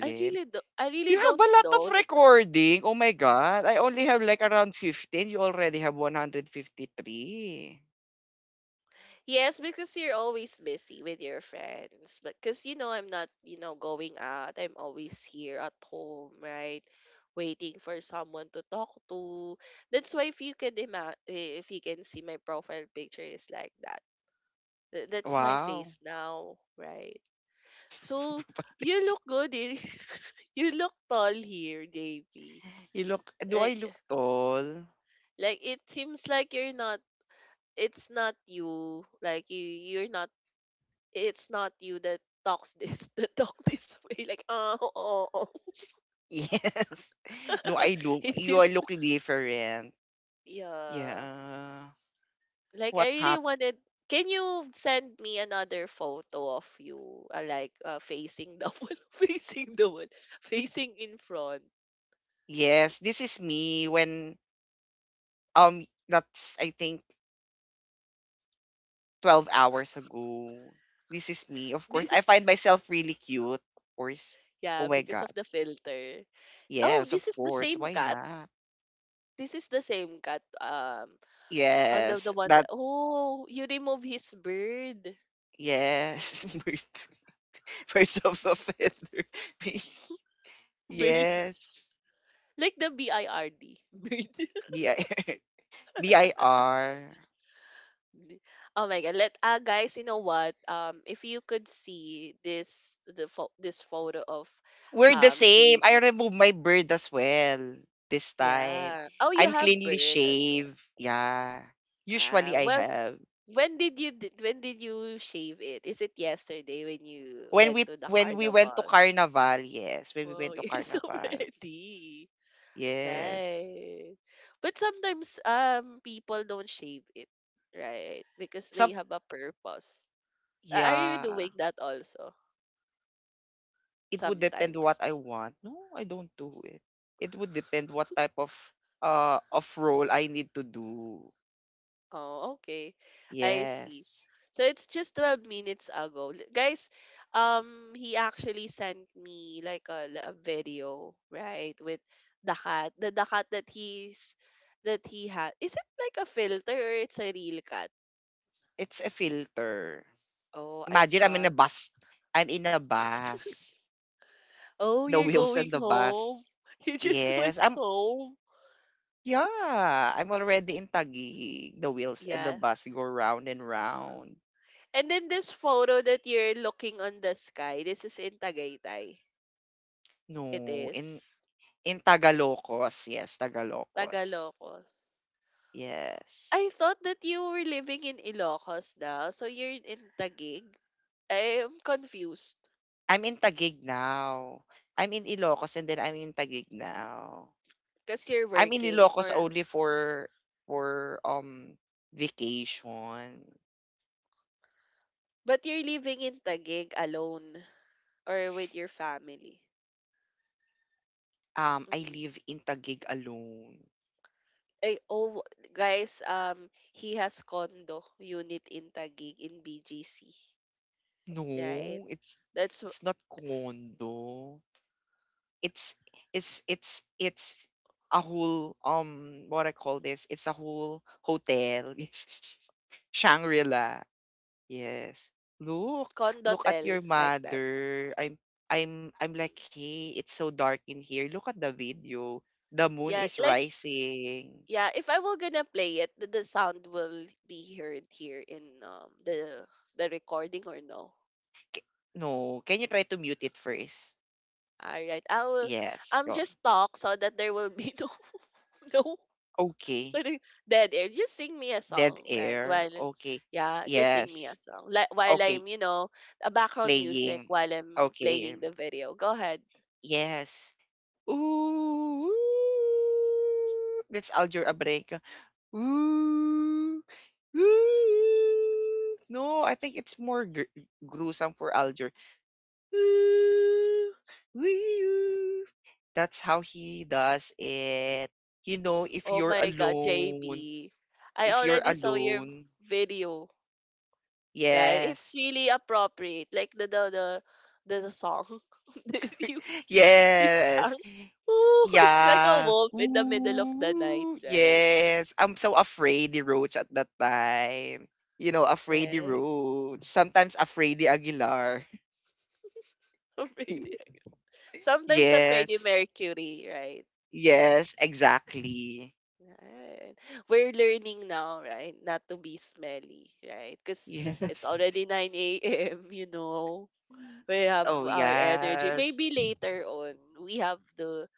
A: I really do, I really
B: You have
A: don't
B: a lot
A: know.
B: of recording. Oh my God. I only have like around fifteen. You already have one hundred fifty three.
A: Yes, because you're always busy with your friends. But because you know I'm not, you know, going out. I'm always here at home, right? Waiting for someone to talk to. That's why if you can ima- eh, if you can see my profile picture is like that. Th- That's my
B: Wow.
A: face now, right? So you look good here. You look tall here, J P.
B: you look, do I
A: Like
B: look tall?
A: like it seems like you're not, it's not you, like you you're not, it's not you that talks this that talk this way, like oh, oh, oh.
B: Yes. No, I know.
A: It
B: You are
A: seems,
B: looking different.
A: yeah,
B: Yeah.
A: like I
B: What
A: really
B: happened?
A: wanted, can you send me another photo of you, uh, like, uh, facing the wall, facing the wall, facing in front?
B: Yes, this is me when um that's I think twelve hours ago. This is me. Of course,
A: Thi-
B: I find myself really cute. Of course. Oh
A: yeah,
B: my
A: because
B: god.
A: of the filter. Oh,
B: Yes, of
A: this is the
B: course.
A: same
B: Why
A: cat,
B: not?
A: this is the same cat um on the, the
B: Yes.
A: one that,
B: That,
A: oh, you remove his bird.
B: yes. Bird- Birds of a feather.
A: Bird,
B: Yes.
A: like the B I R D bird.
B: B I B I R.
A: Li- Oh my god. Let, uh guys, you know what? Um if you could see this the pho- this photo of
B: We're the
A: um
B: same. I
A: J P.
B: remove my beard as well this time.
A: Yeah. Oh, you
B: I'm
A: have
B: cleanly
A: bird as well.
B: shaved. Yeah. Usually
A: Uh
B: I
A: well,
B: have.
A: when did you d- when did you shave it? Is it yesterday when you
B: When
A: went
B: we
A: to the
B: when we went to
A: carnival?
B: carnival, yes. When we
A: Wow,
B: went to
A: you're so
B: carnival.
A: ready.
B: Yes.
A: Right. But sometimes um people don't shave it, right? Because they
B: Some,
A: have a purpose. A- Are you
B: yeah.
A: doing that also?
B: It would depend what
A: Sometimes.
B: I want. No, I don't do it. It would depend what type of uh of role I need to do.
A: Oh, okay. I see.
B: Yes.
A: So it's just twelve minutes ago. L- Guys, um he actually sent me like a, l- a video, right, with the cat. The, the cat that he's that he had. Is it like a filter or it's a real cat?
B: It's a filter.
A: Oh, I
B: Imagine I'm in a
A: thought.
B: bus. I'm in a bus.
A: Oh,
B: The
A: you're
B: Wheels and
A: going
B: the Bus.
A: home. You just
B: Yes,
A: went
B: I'm
A: home.
B: yeah, I'm already in Taguig. The Wheels and the
A: Yeah.
B: Bus go round and round.
A: And then this photo that you're looking on the sky, this is in Tagaytay.
B: No,
A: It
B: in
A: is.
B: in Tagalocos. Yes, Tagalocos.
A: Tagalocos. I
B: Yes.
A: thought that you were living in Ilocos now, so you're in Taguig. I am confused
B: I'm in Taguig now. I'm in Ilocos and then I'm in Taguig now.
A: because you're
B: I'm in
A: working
B: Ilocos
A: or
B: only for for um vacation.
A: but you're living in Taguig alone or with your family.
B: Um I
A: Mhm.
B: live in Taguig alone.
A: Ay, oh, guys, um, he has condo unit in Taguig in B G C, right?
B: No, it's
A: That's w-
B: it's not condo. it's it's it's it's a whole um what I call this, it's a whole hotel. Yes, Shangri-La. Yes, look look at
A: condotel
B: your
A: like that.
B: mother. I'm I'm I'm
A: Mm.
B: like, hey, it's so dark in here. Look at the video. The moon
A: Yeah,
B: is
A: like
B: rising.
A: yeah, if I were gonna play it, the, the sound will be heard here in um the the recording or no.
B: K- no, can you try to mute it first?
A: Alright. I will
B: Yes,
A: I'm
B: go.
A: just talk so that there will be no no
B: Okay.
A: parang dead air. Just sing me a
B: Dead
A: song, right?
B: air.
A: While
B: Okay.
A: yeah, just sing me
B: Yes.
A: a song. Like while
B: Okay.
A: I'm, you know, a background music
B: Playing.
A: while I'm
B: Okay.
A: playing the video. Go ahead.
B: Yes. Ooh. Ooh. That's Alger Abrego. Ooh. Ooh. No, I think it's more gr- gruesome for Alger. Ooh. Ooh. That's how he does it. You know, if
A: Oh
B: you're
A: my god,
B: alone,
A: J P. I
B: if you're
A: already saw your
B: alone,
A: video. Right? It's
B: yes.
A: really appropriate. Like the the the the, the song that you you
B: Yes.
A: sang. Ooh, it's like a
B: Yeah.
A: wolf in the middle of the night,
B: Ooh,
A: right?
B: yes. I'm so afraid the Roach at that time. You know, afraid the
A: Yeah.
B: Roach. Sometimes afraid the Aguilar.
A: So Freddie- Sometimes a Freddie
B: Yes.
A: Mercury, right?
B: Yes, exactly.
A: Right. We're learning now, right? Not to be smelly, right? Because it's
B: Yes.
A: already nine a m, you know. We have
B: Oh,
A: our energy. Maybe
B: yes.
A: later on, we have the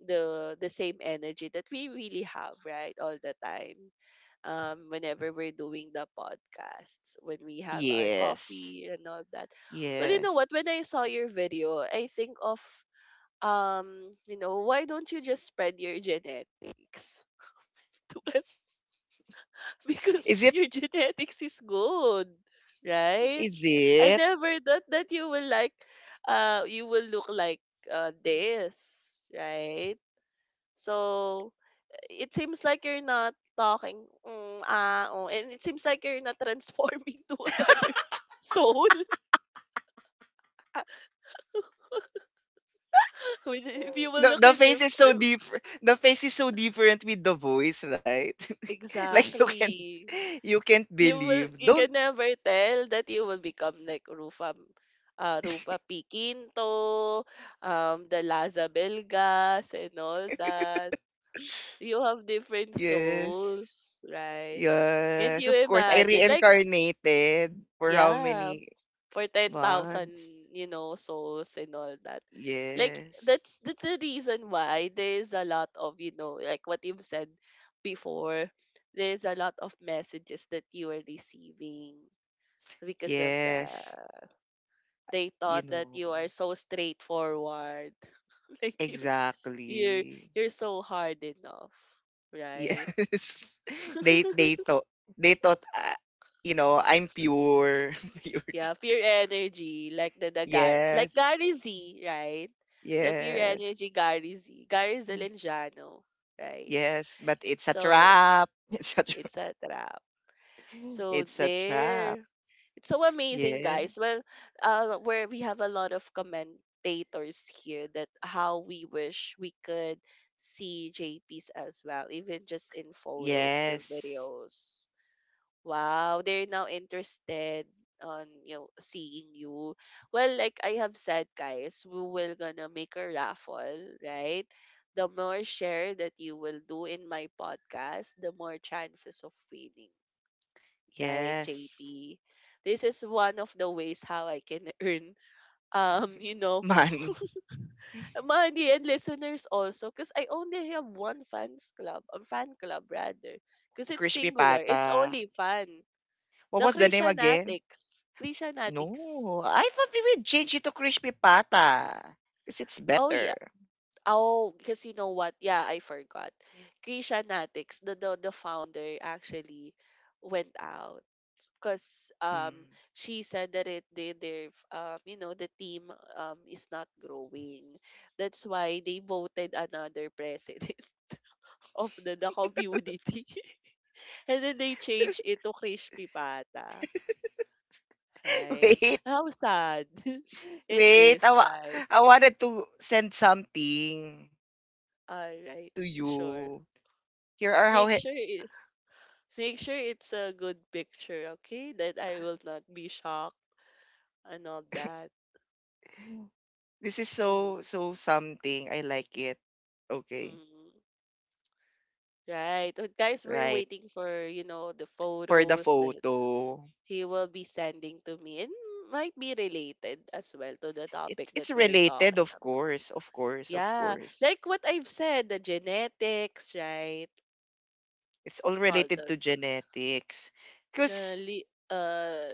A: the the same energy that we really have right all the time um whenever we're doing the podcasts when we have our
B: Yes.
A: coffee and all that. Well, you know
B: Yes.
A: what, when I saw your video I think of um you know why don't you just spread your genetics
B: Is
A: because
B: it?
A: your genetics is good, right?
B: Is
A: I
B: it?
A: never thought that you will like uh you will look like uh this, right? So it seems like you're not talking. Mm, ah, oh, and it seems like you're not transforming to another soul. When- if you will
B: No,
A: look
B: the
A: in your
B: face is so
A: phone,
B: different. The face is so different with the voice, right? like you can,
A: exactly.
B: you can't
A: You will.
B: believe.
A: You
B: Don't.
A: can never tell that you will become like Rufa, uh, Rufa P. Quinto, um, the Laza Belgas, and all that. You have different
B: Yes.
A: souls, right? Can
B: Yes,
A: you
B: of course. I
A: imagine? Like,
B: reincarnated for how
A: yeah,
B: many
A: for ten thousand,
B: months?
A: you know, souls and all that. Like
B: Yes.
A: that's that's the reason why there's a lot of, you know, like what you've said before, there's a lot of messages that you are receiving because of
B: Yes.
A: that. They
B: You
A: thought that
B: know.
A: you are so straightforward, like you you're
B: Exactly.
A: you're so hard enough, right?
B: Yes. They they thought they thought uh, you know, I'm pure. Pure.
A: Yeah, pure energy, like the, the Gar like
B: Yes.
A: Gary Z, right? The pure
B: Yes.
A: energy Gary Z, Gary Zelenjano, right?
B: Yes, but it's a
A: So
B: trap. It's a tra-
A: it's a trap. So
B: it's a trap.
A: there, it's so amazing,
B: Yeah.
A: guys. Well, uh, where we have a lot of commentators here that how we wish we could see J Ps as well, even just in photos or
B: Yes.
A: videos. Wow, they're now interested on you know seeing you. Well, like I have said, guys, we will gonna make a raffle, right? The more share that you will do in my podcast, the more chances of winning, right,
B: Yes.
A: J P? This is one of the ways how I can earn um, you know,
B: Money.
A: money and listeners also because I only have one fans club, a fan club rather, because it's
B: Crispy
A: singular. It's
B: Pata.
A: only fan.
B: What
A: The
B: was the name again?
A: Christianatics. Christianatics.
B: No, I thought they would change it to Crispy Pata because it's
A: Oh
B: better.
A: yeah. Oh, because you know what? Yeah, I forgot. Christianatics. The the, the founder actually went out because um
B: Hmm.
A: she said that it they their um you know the team um is not growing. That's why they voted another president of the, the community. And then they changed it to Krish Pipata. Right.
B: Wait,
A: How sad it
B: wait. I,
A: is,
B: wa-
A: right?
B: I wanted to send something
A: Alright,
B: to
A: sure.
B: you. Here are how
A: Make
B: he-
A: sure it, make sure it's a good picture, okay? That I will not be shocked and all that.
B: This is so
A: Mm,
B: so something. I like it. Okay,
A: mm. Right. Uh, guys, we're
B: right.
A: waiting for, you know, the
B: For the
A: photos that
B: photo,
A: he will be sending to me. It might be related as well to the
B: it's
A: topic
B: it's
A: that we're
B: related,
A: talking
B: of
A: about.
B: course, of course, of
A: Yeah.
B: course.
A: Like what I've said, the genetics, right?
B: It's all
A: Hold
B: related
A: on.
B: to genetics.
A: The
B: Because
A: li- uh,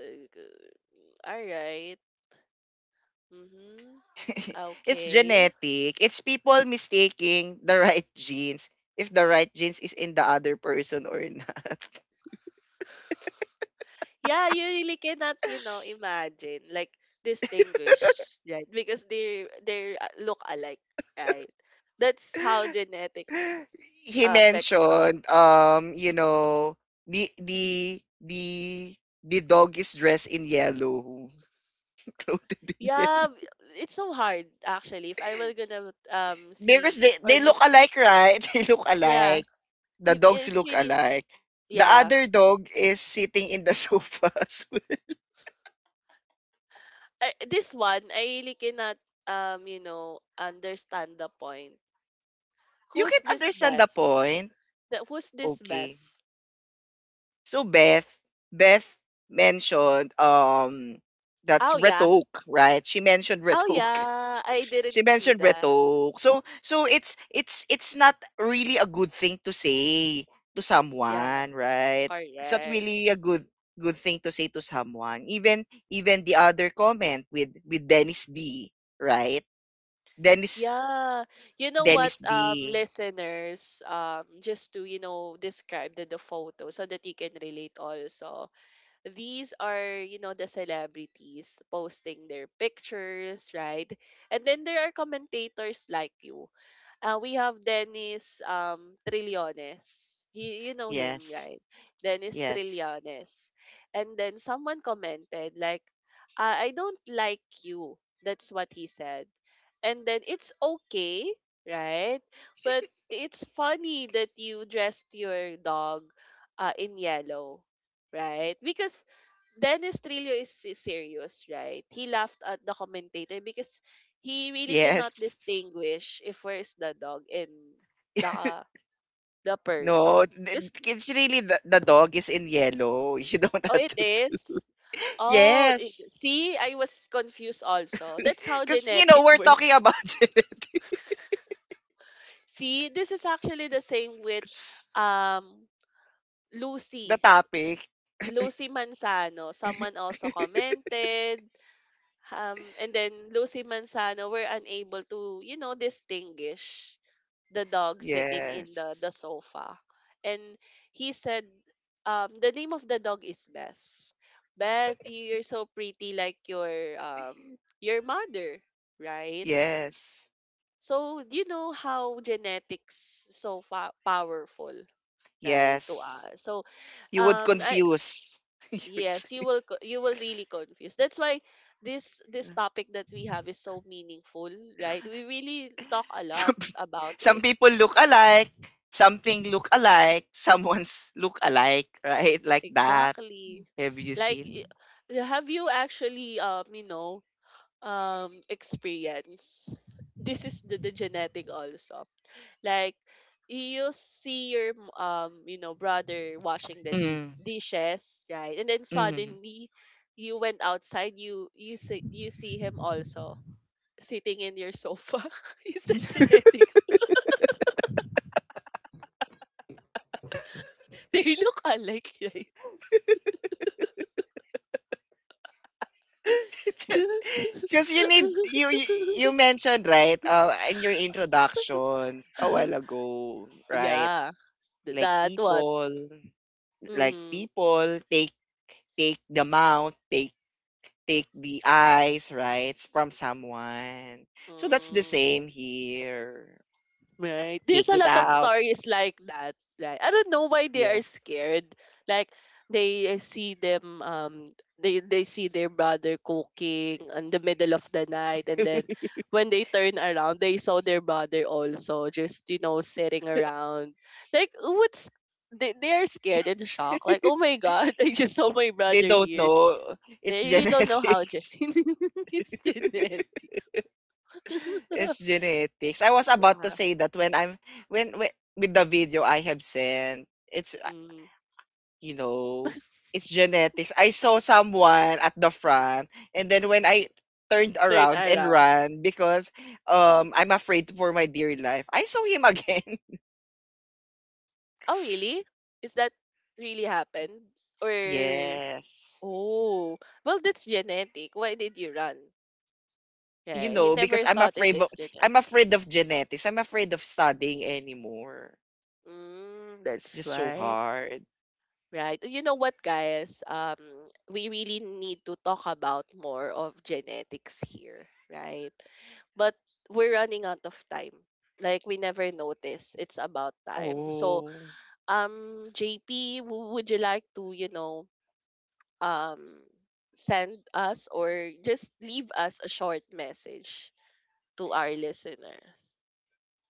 A: all right. Mm-hmm.
B: it's
A: Okay.
B: genetic. It's people mistaking the right genes if the right genes is in the other person or not.
A: Yeah, you really cannot, you know, imagine like distinguish, right? Because they they uh, look alike, right? That's how genetic
B: he
A: uh, affects
B: mentioned
A: us.
B: um you know the the the the dog is dressed in yellow, clothed in
A: Yeah,
B: yellow.
A: b- it's so hard actually. If I were gonna um
B: Because
A: see
B: they,
A: or
B: they look
A: look,
B: alike, right? They look
A: yeah,
B: alike. The
A: if
B: dogs
A: it's
B: look
A: really
B: alike. The
A: yeah.
B: other dog is sitting in the sofa. So,
A: I, this one I really cannot um you know understand the point.
B: you
A: Who's
B: can
A: this
B: understand the
A: Beth?
B: point.
A: That who's this Beth?
B: Okay. So, Beth, Beth mentioned um that's
A: Oh
B: Red,
A: yeah.
B: right? She mentioned Red.
A: Oh, yeah. I
B: She
A: didn't see
B: mentioned Red.
A: that.
B: So so it's it's it's not really a good thing to say to
A: Yeah,
B: someone, right? It's not
A: correct.
B: really a good good thing to say to someone. Even even the other comment with with Dennis D, right? Dennis
A: Yeah. You know what,
B: Dennis D.
A: um, listeners, um, just to, you know, describe the, the photo so that you can relate also. These are, you know, the celebrities posting their pictures, right? And then there are commentators like you. Uh, we have Dennis um Trillones. You, you know him,
B: Yes.
A: right? Dennis
B: Yes.
A: Trillones. And then someone commented like, I, I don't like you. That's what he said. And then it's okay, right? But it's funny that you dressed your dog uh, in yellow, right? Because Dennis Trillo is, is serious, right? He laughed at the commentator because he really cannot
B: Yes.
A: distinguish if where's the dog and the the
B: No,
A: person.
B: it-
A: Cause
B: it's really the, the dog is in yellow. You don't
A: oh,
B: have
A: it
B: to do.
A: is. Oh, it,
B: Yes.
A: see, I was confused also. That's how
B: Because, you know,
A: genetic
B: we're talking
A: works.
B: about genetics.
A: See, this is actually the same with um
B: The
A: Lucy.
B: topic.
A: Lucy Manzano. Someone also commented. Um, and then Lucy Manzano were unable to, you know, distinguish the dog sitting in the the
B: Yes.
A: sofa and he said um the name of the dog is Beth. Beth, you're so pretty like your um your mother, right?
B: Yes.
A: So you know how genetics so fa- powerful, right, to
B: Yes.
A: us. So
B: You would
A: um I
B: confuse. You would
A: yes, you
B: say-
A: will co- you will really confuse. That's why this this topic that we have is so meaningful, right? We really talk a lot
B: some,
A: about
B: some
A: it.
B: people look alike. Something look alike. Someone's look alike, right? Like that.
A: Exactly.
B: Have you
A: Like, i-
B: seen?
A: have you actually, um, you know, um, experience? This is the, the genetic also. Like, you see your, m- um, you know, brother washing the di-
B: Mm,
A: dishes, right? And then
B: mm.
A: suddenly, you went outside. You you see you see him also sitting in your sofa. Is that genetics? They look alike, right?
B: Because you need you you you mentioned right, uh, in your introduction a while ago, right?
A: yeah, th-
B: like
A: that what.
B: people like
A: Mm-hmm.
B: people take take the mouth, take take the eyes right from someone, so that's the
A: Mm,
B: same here,
A: right. There's
B: take
A: a
B: it
A: lot of
B: out.
A: stories like that. Right. I don't know why they are
B: Yes.
A: scared. Like they see them um they they see their brother cooking in the middle of the night and then when they turn around they saw their brother also just you know sitting around. Like what's they, they are scared and shocked. Like, oh my god, I just saw my
B: they
A: brother
B: don't
A: here.
B: know it's
A: They really don't know how gen-
B: genetics.
A: it's genetics.
B: It's genetics. I was about to
A: yeah.
B: say that when I'm when, when with the video I have sent, it's uh,
A: Mm.
B: you know, it's genetics. I saw someone at the front and then when I turned
A: Turn
B: around and
A: around.
B: ran because um I'm afraid for my dear life. I saw him again.
A: Oh, really? Is that really happened? Or
B: Yes.
A: oh, well, that's genetic. Why did you run?
B: You
A: Yeah, he
B: know, because
A: never
B: I'm
A: thought it
B: afraid of
A: is genetic.
B: I'm afraid of genetics. I'm afraid of studying anymore.
A: Mm,
B: It's
A: that's
B: just so
A: why.
B: hard.
A: Right. You know what, guys? Um, we really need to talk about more of genetics here, right? But we're running out of time. Like we never notice. It's about time. So,
B: Oh.
A: um, J P, would you like to, you know, um, send us or just leave us a short message to our listener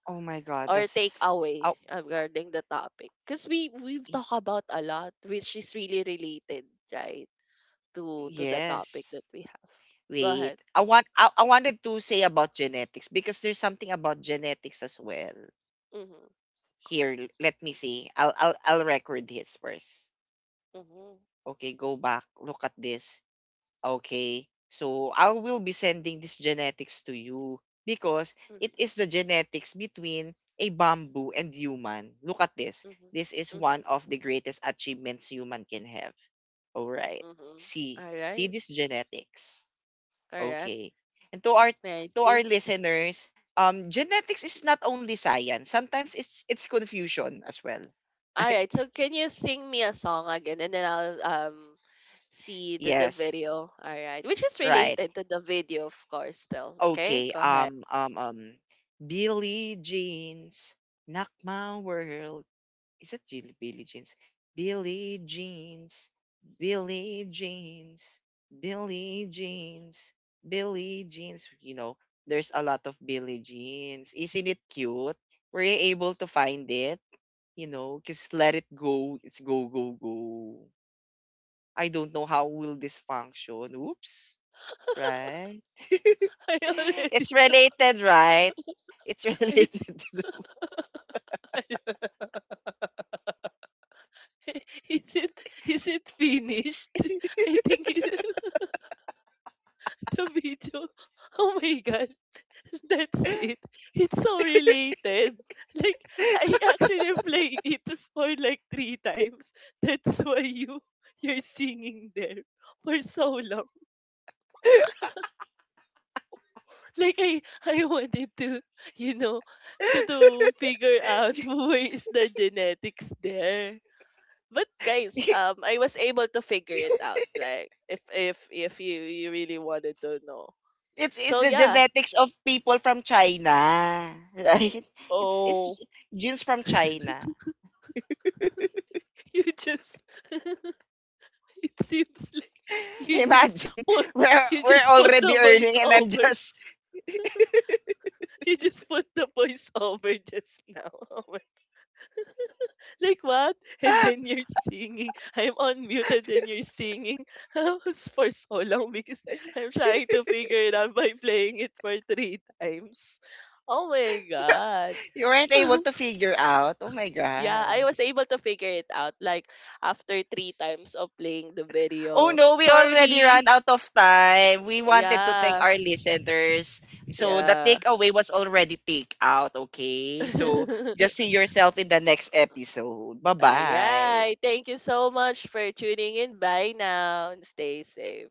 B: Oh my god,
A: or take
B: that's
A: away
B: oh
A: regarding the topic because we we've talked about a lot which is really related right to to the topic
B: yes.
A: that we have. Go
B: Wait.
A: ahead.
B: I want I, I wanted to say about genetics because there's something about genetics as well.
A: Mm-hmm,
B: Here, l- let me see. I'll I'll I'll record this first.
A: mm-hmm,
B: Okay, go back. Look at this. Okay. So I will be sending this genetics to you because it
A: mm-hmm,
B: is the genetics between a bamboo and human. Look at this. This is
A: mm-hmm, mm-hmm.
B: one of the greatest achievements human can have. All right.
A: Mm-hmm.
B: See.
A: All
B: See
A: right.
B: this genetics.
A: Correct.
B: Okay. And to our to our
A: Nancy.
B: listeners, um, genetics is not only science. Sometimes it's it's confusion as well.
A: All
B: Right?
A: right, so can you sing me a song again and then I'll um see the, the
B: Yes.
A: video. All right. Which is
B: Right.
A: related to the video, of course, still.
B: Okay.
A: Okay? Go ahead.
B: Um. Um. Um. Billy Jeans, knock my world. Is it Jill- Billy Jeans? Billy Jeans, Billy Jeans, Billy Jeans, Billy Jeans. You know, there's a lot of Billy Jeans. Isn't it cute? Were you able to find it? You know, just let it go. It's go, go, go. I don't know how will this function. Oops. Right?
A: I already
B: it's
A: saw
B: related, right? It's
A: it.
B: related.
A: Is it is it finished? I think it, the video. Oh my god, that's it. It's so related. Like I actually played it for like three times. That's why you you're singing there for so long. Like I I wanted to, you know, to to figure out where is the genetics there. But guys, um I was able to figure it out. Like if if if you you really wanted to know.
B: it's it's
A: So
B: the
A: yeah.
B: genetics of people from China, right? It's
A: Oh,
B: it's genes from China.
A: you just it seems like you just
B: Imagine
A: put
B: we're
A: you
B: we're
A: just put
B: already
A: the voice
B: earning and I'm
A: over.
B: just
A: You just put the voice over just now. Oh like what? And then you're singing. I'm on mute and then you're singing. I was for so long because I'm trying to figure it out by playing it for three times. Oh my god.
B: you weren't able to figure out. Oh my
A: Yeah,
B: god.
A: I was able to figure it out like after three times of playing the
B: Oh
A: video.
B: no, we already
A: Sorry.
B: ran out of time. We wanted to thank
A: Yeah.
B: our listeners. So the
A: Yeah.
B: takeaway was already take out, okay? So just see yourself in the next episode.
A: All
B: Bye-bye.
A: right. Thank you so much for tuning in. Bye now and stay safe.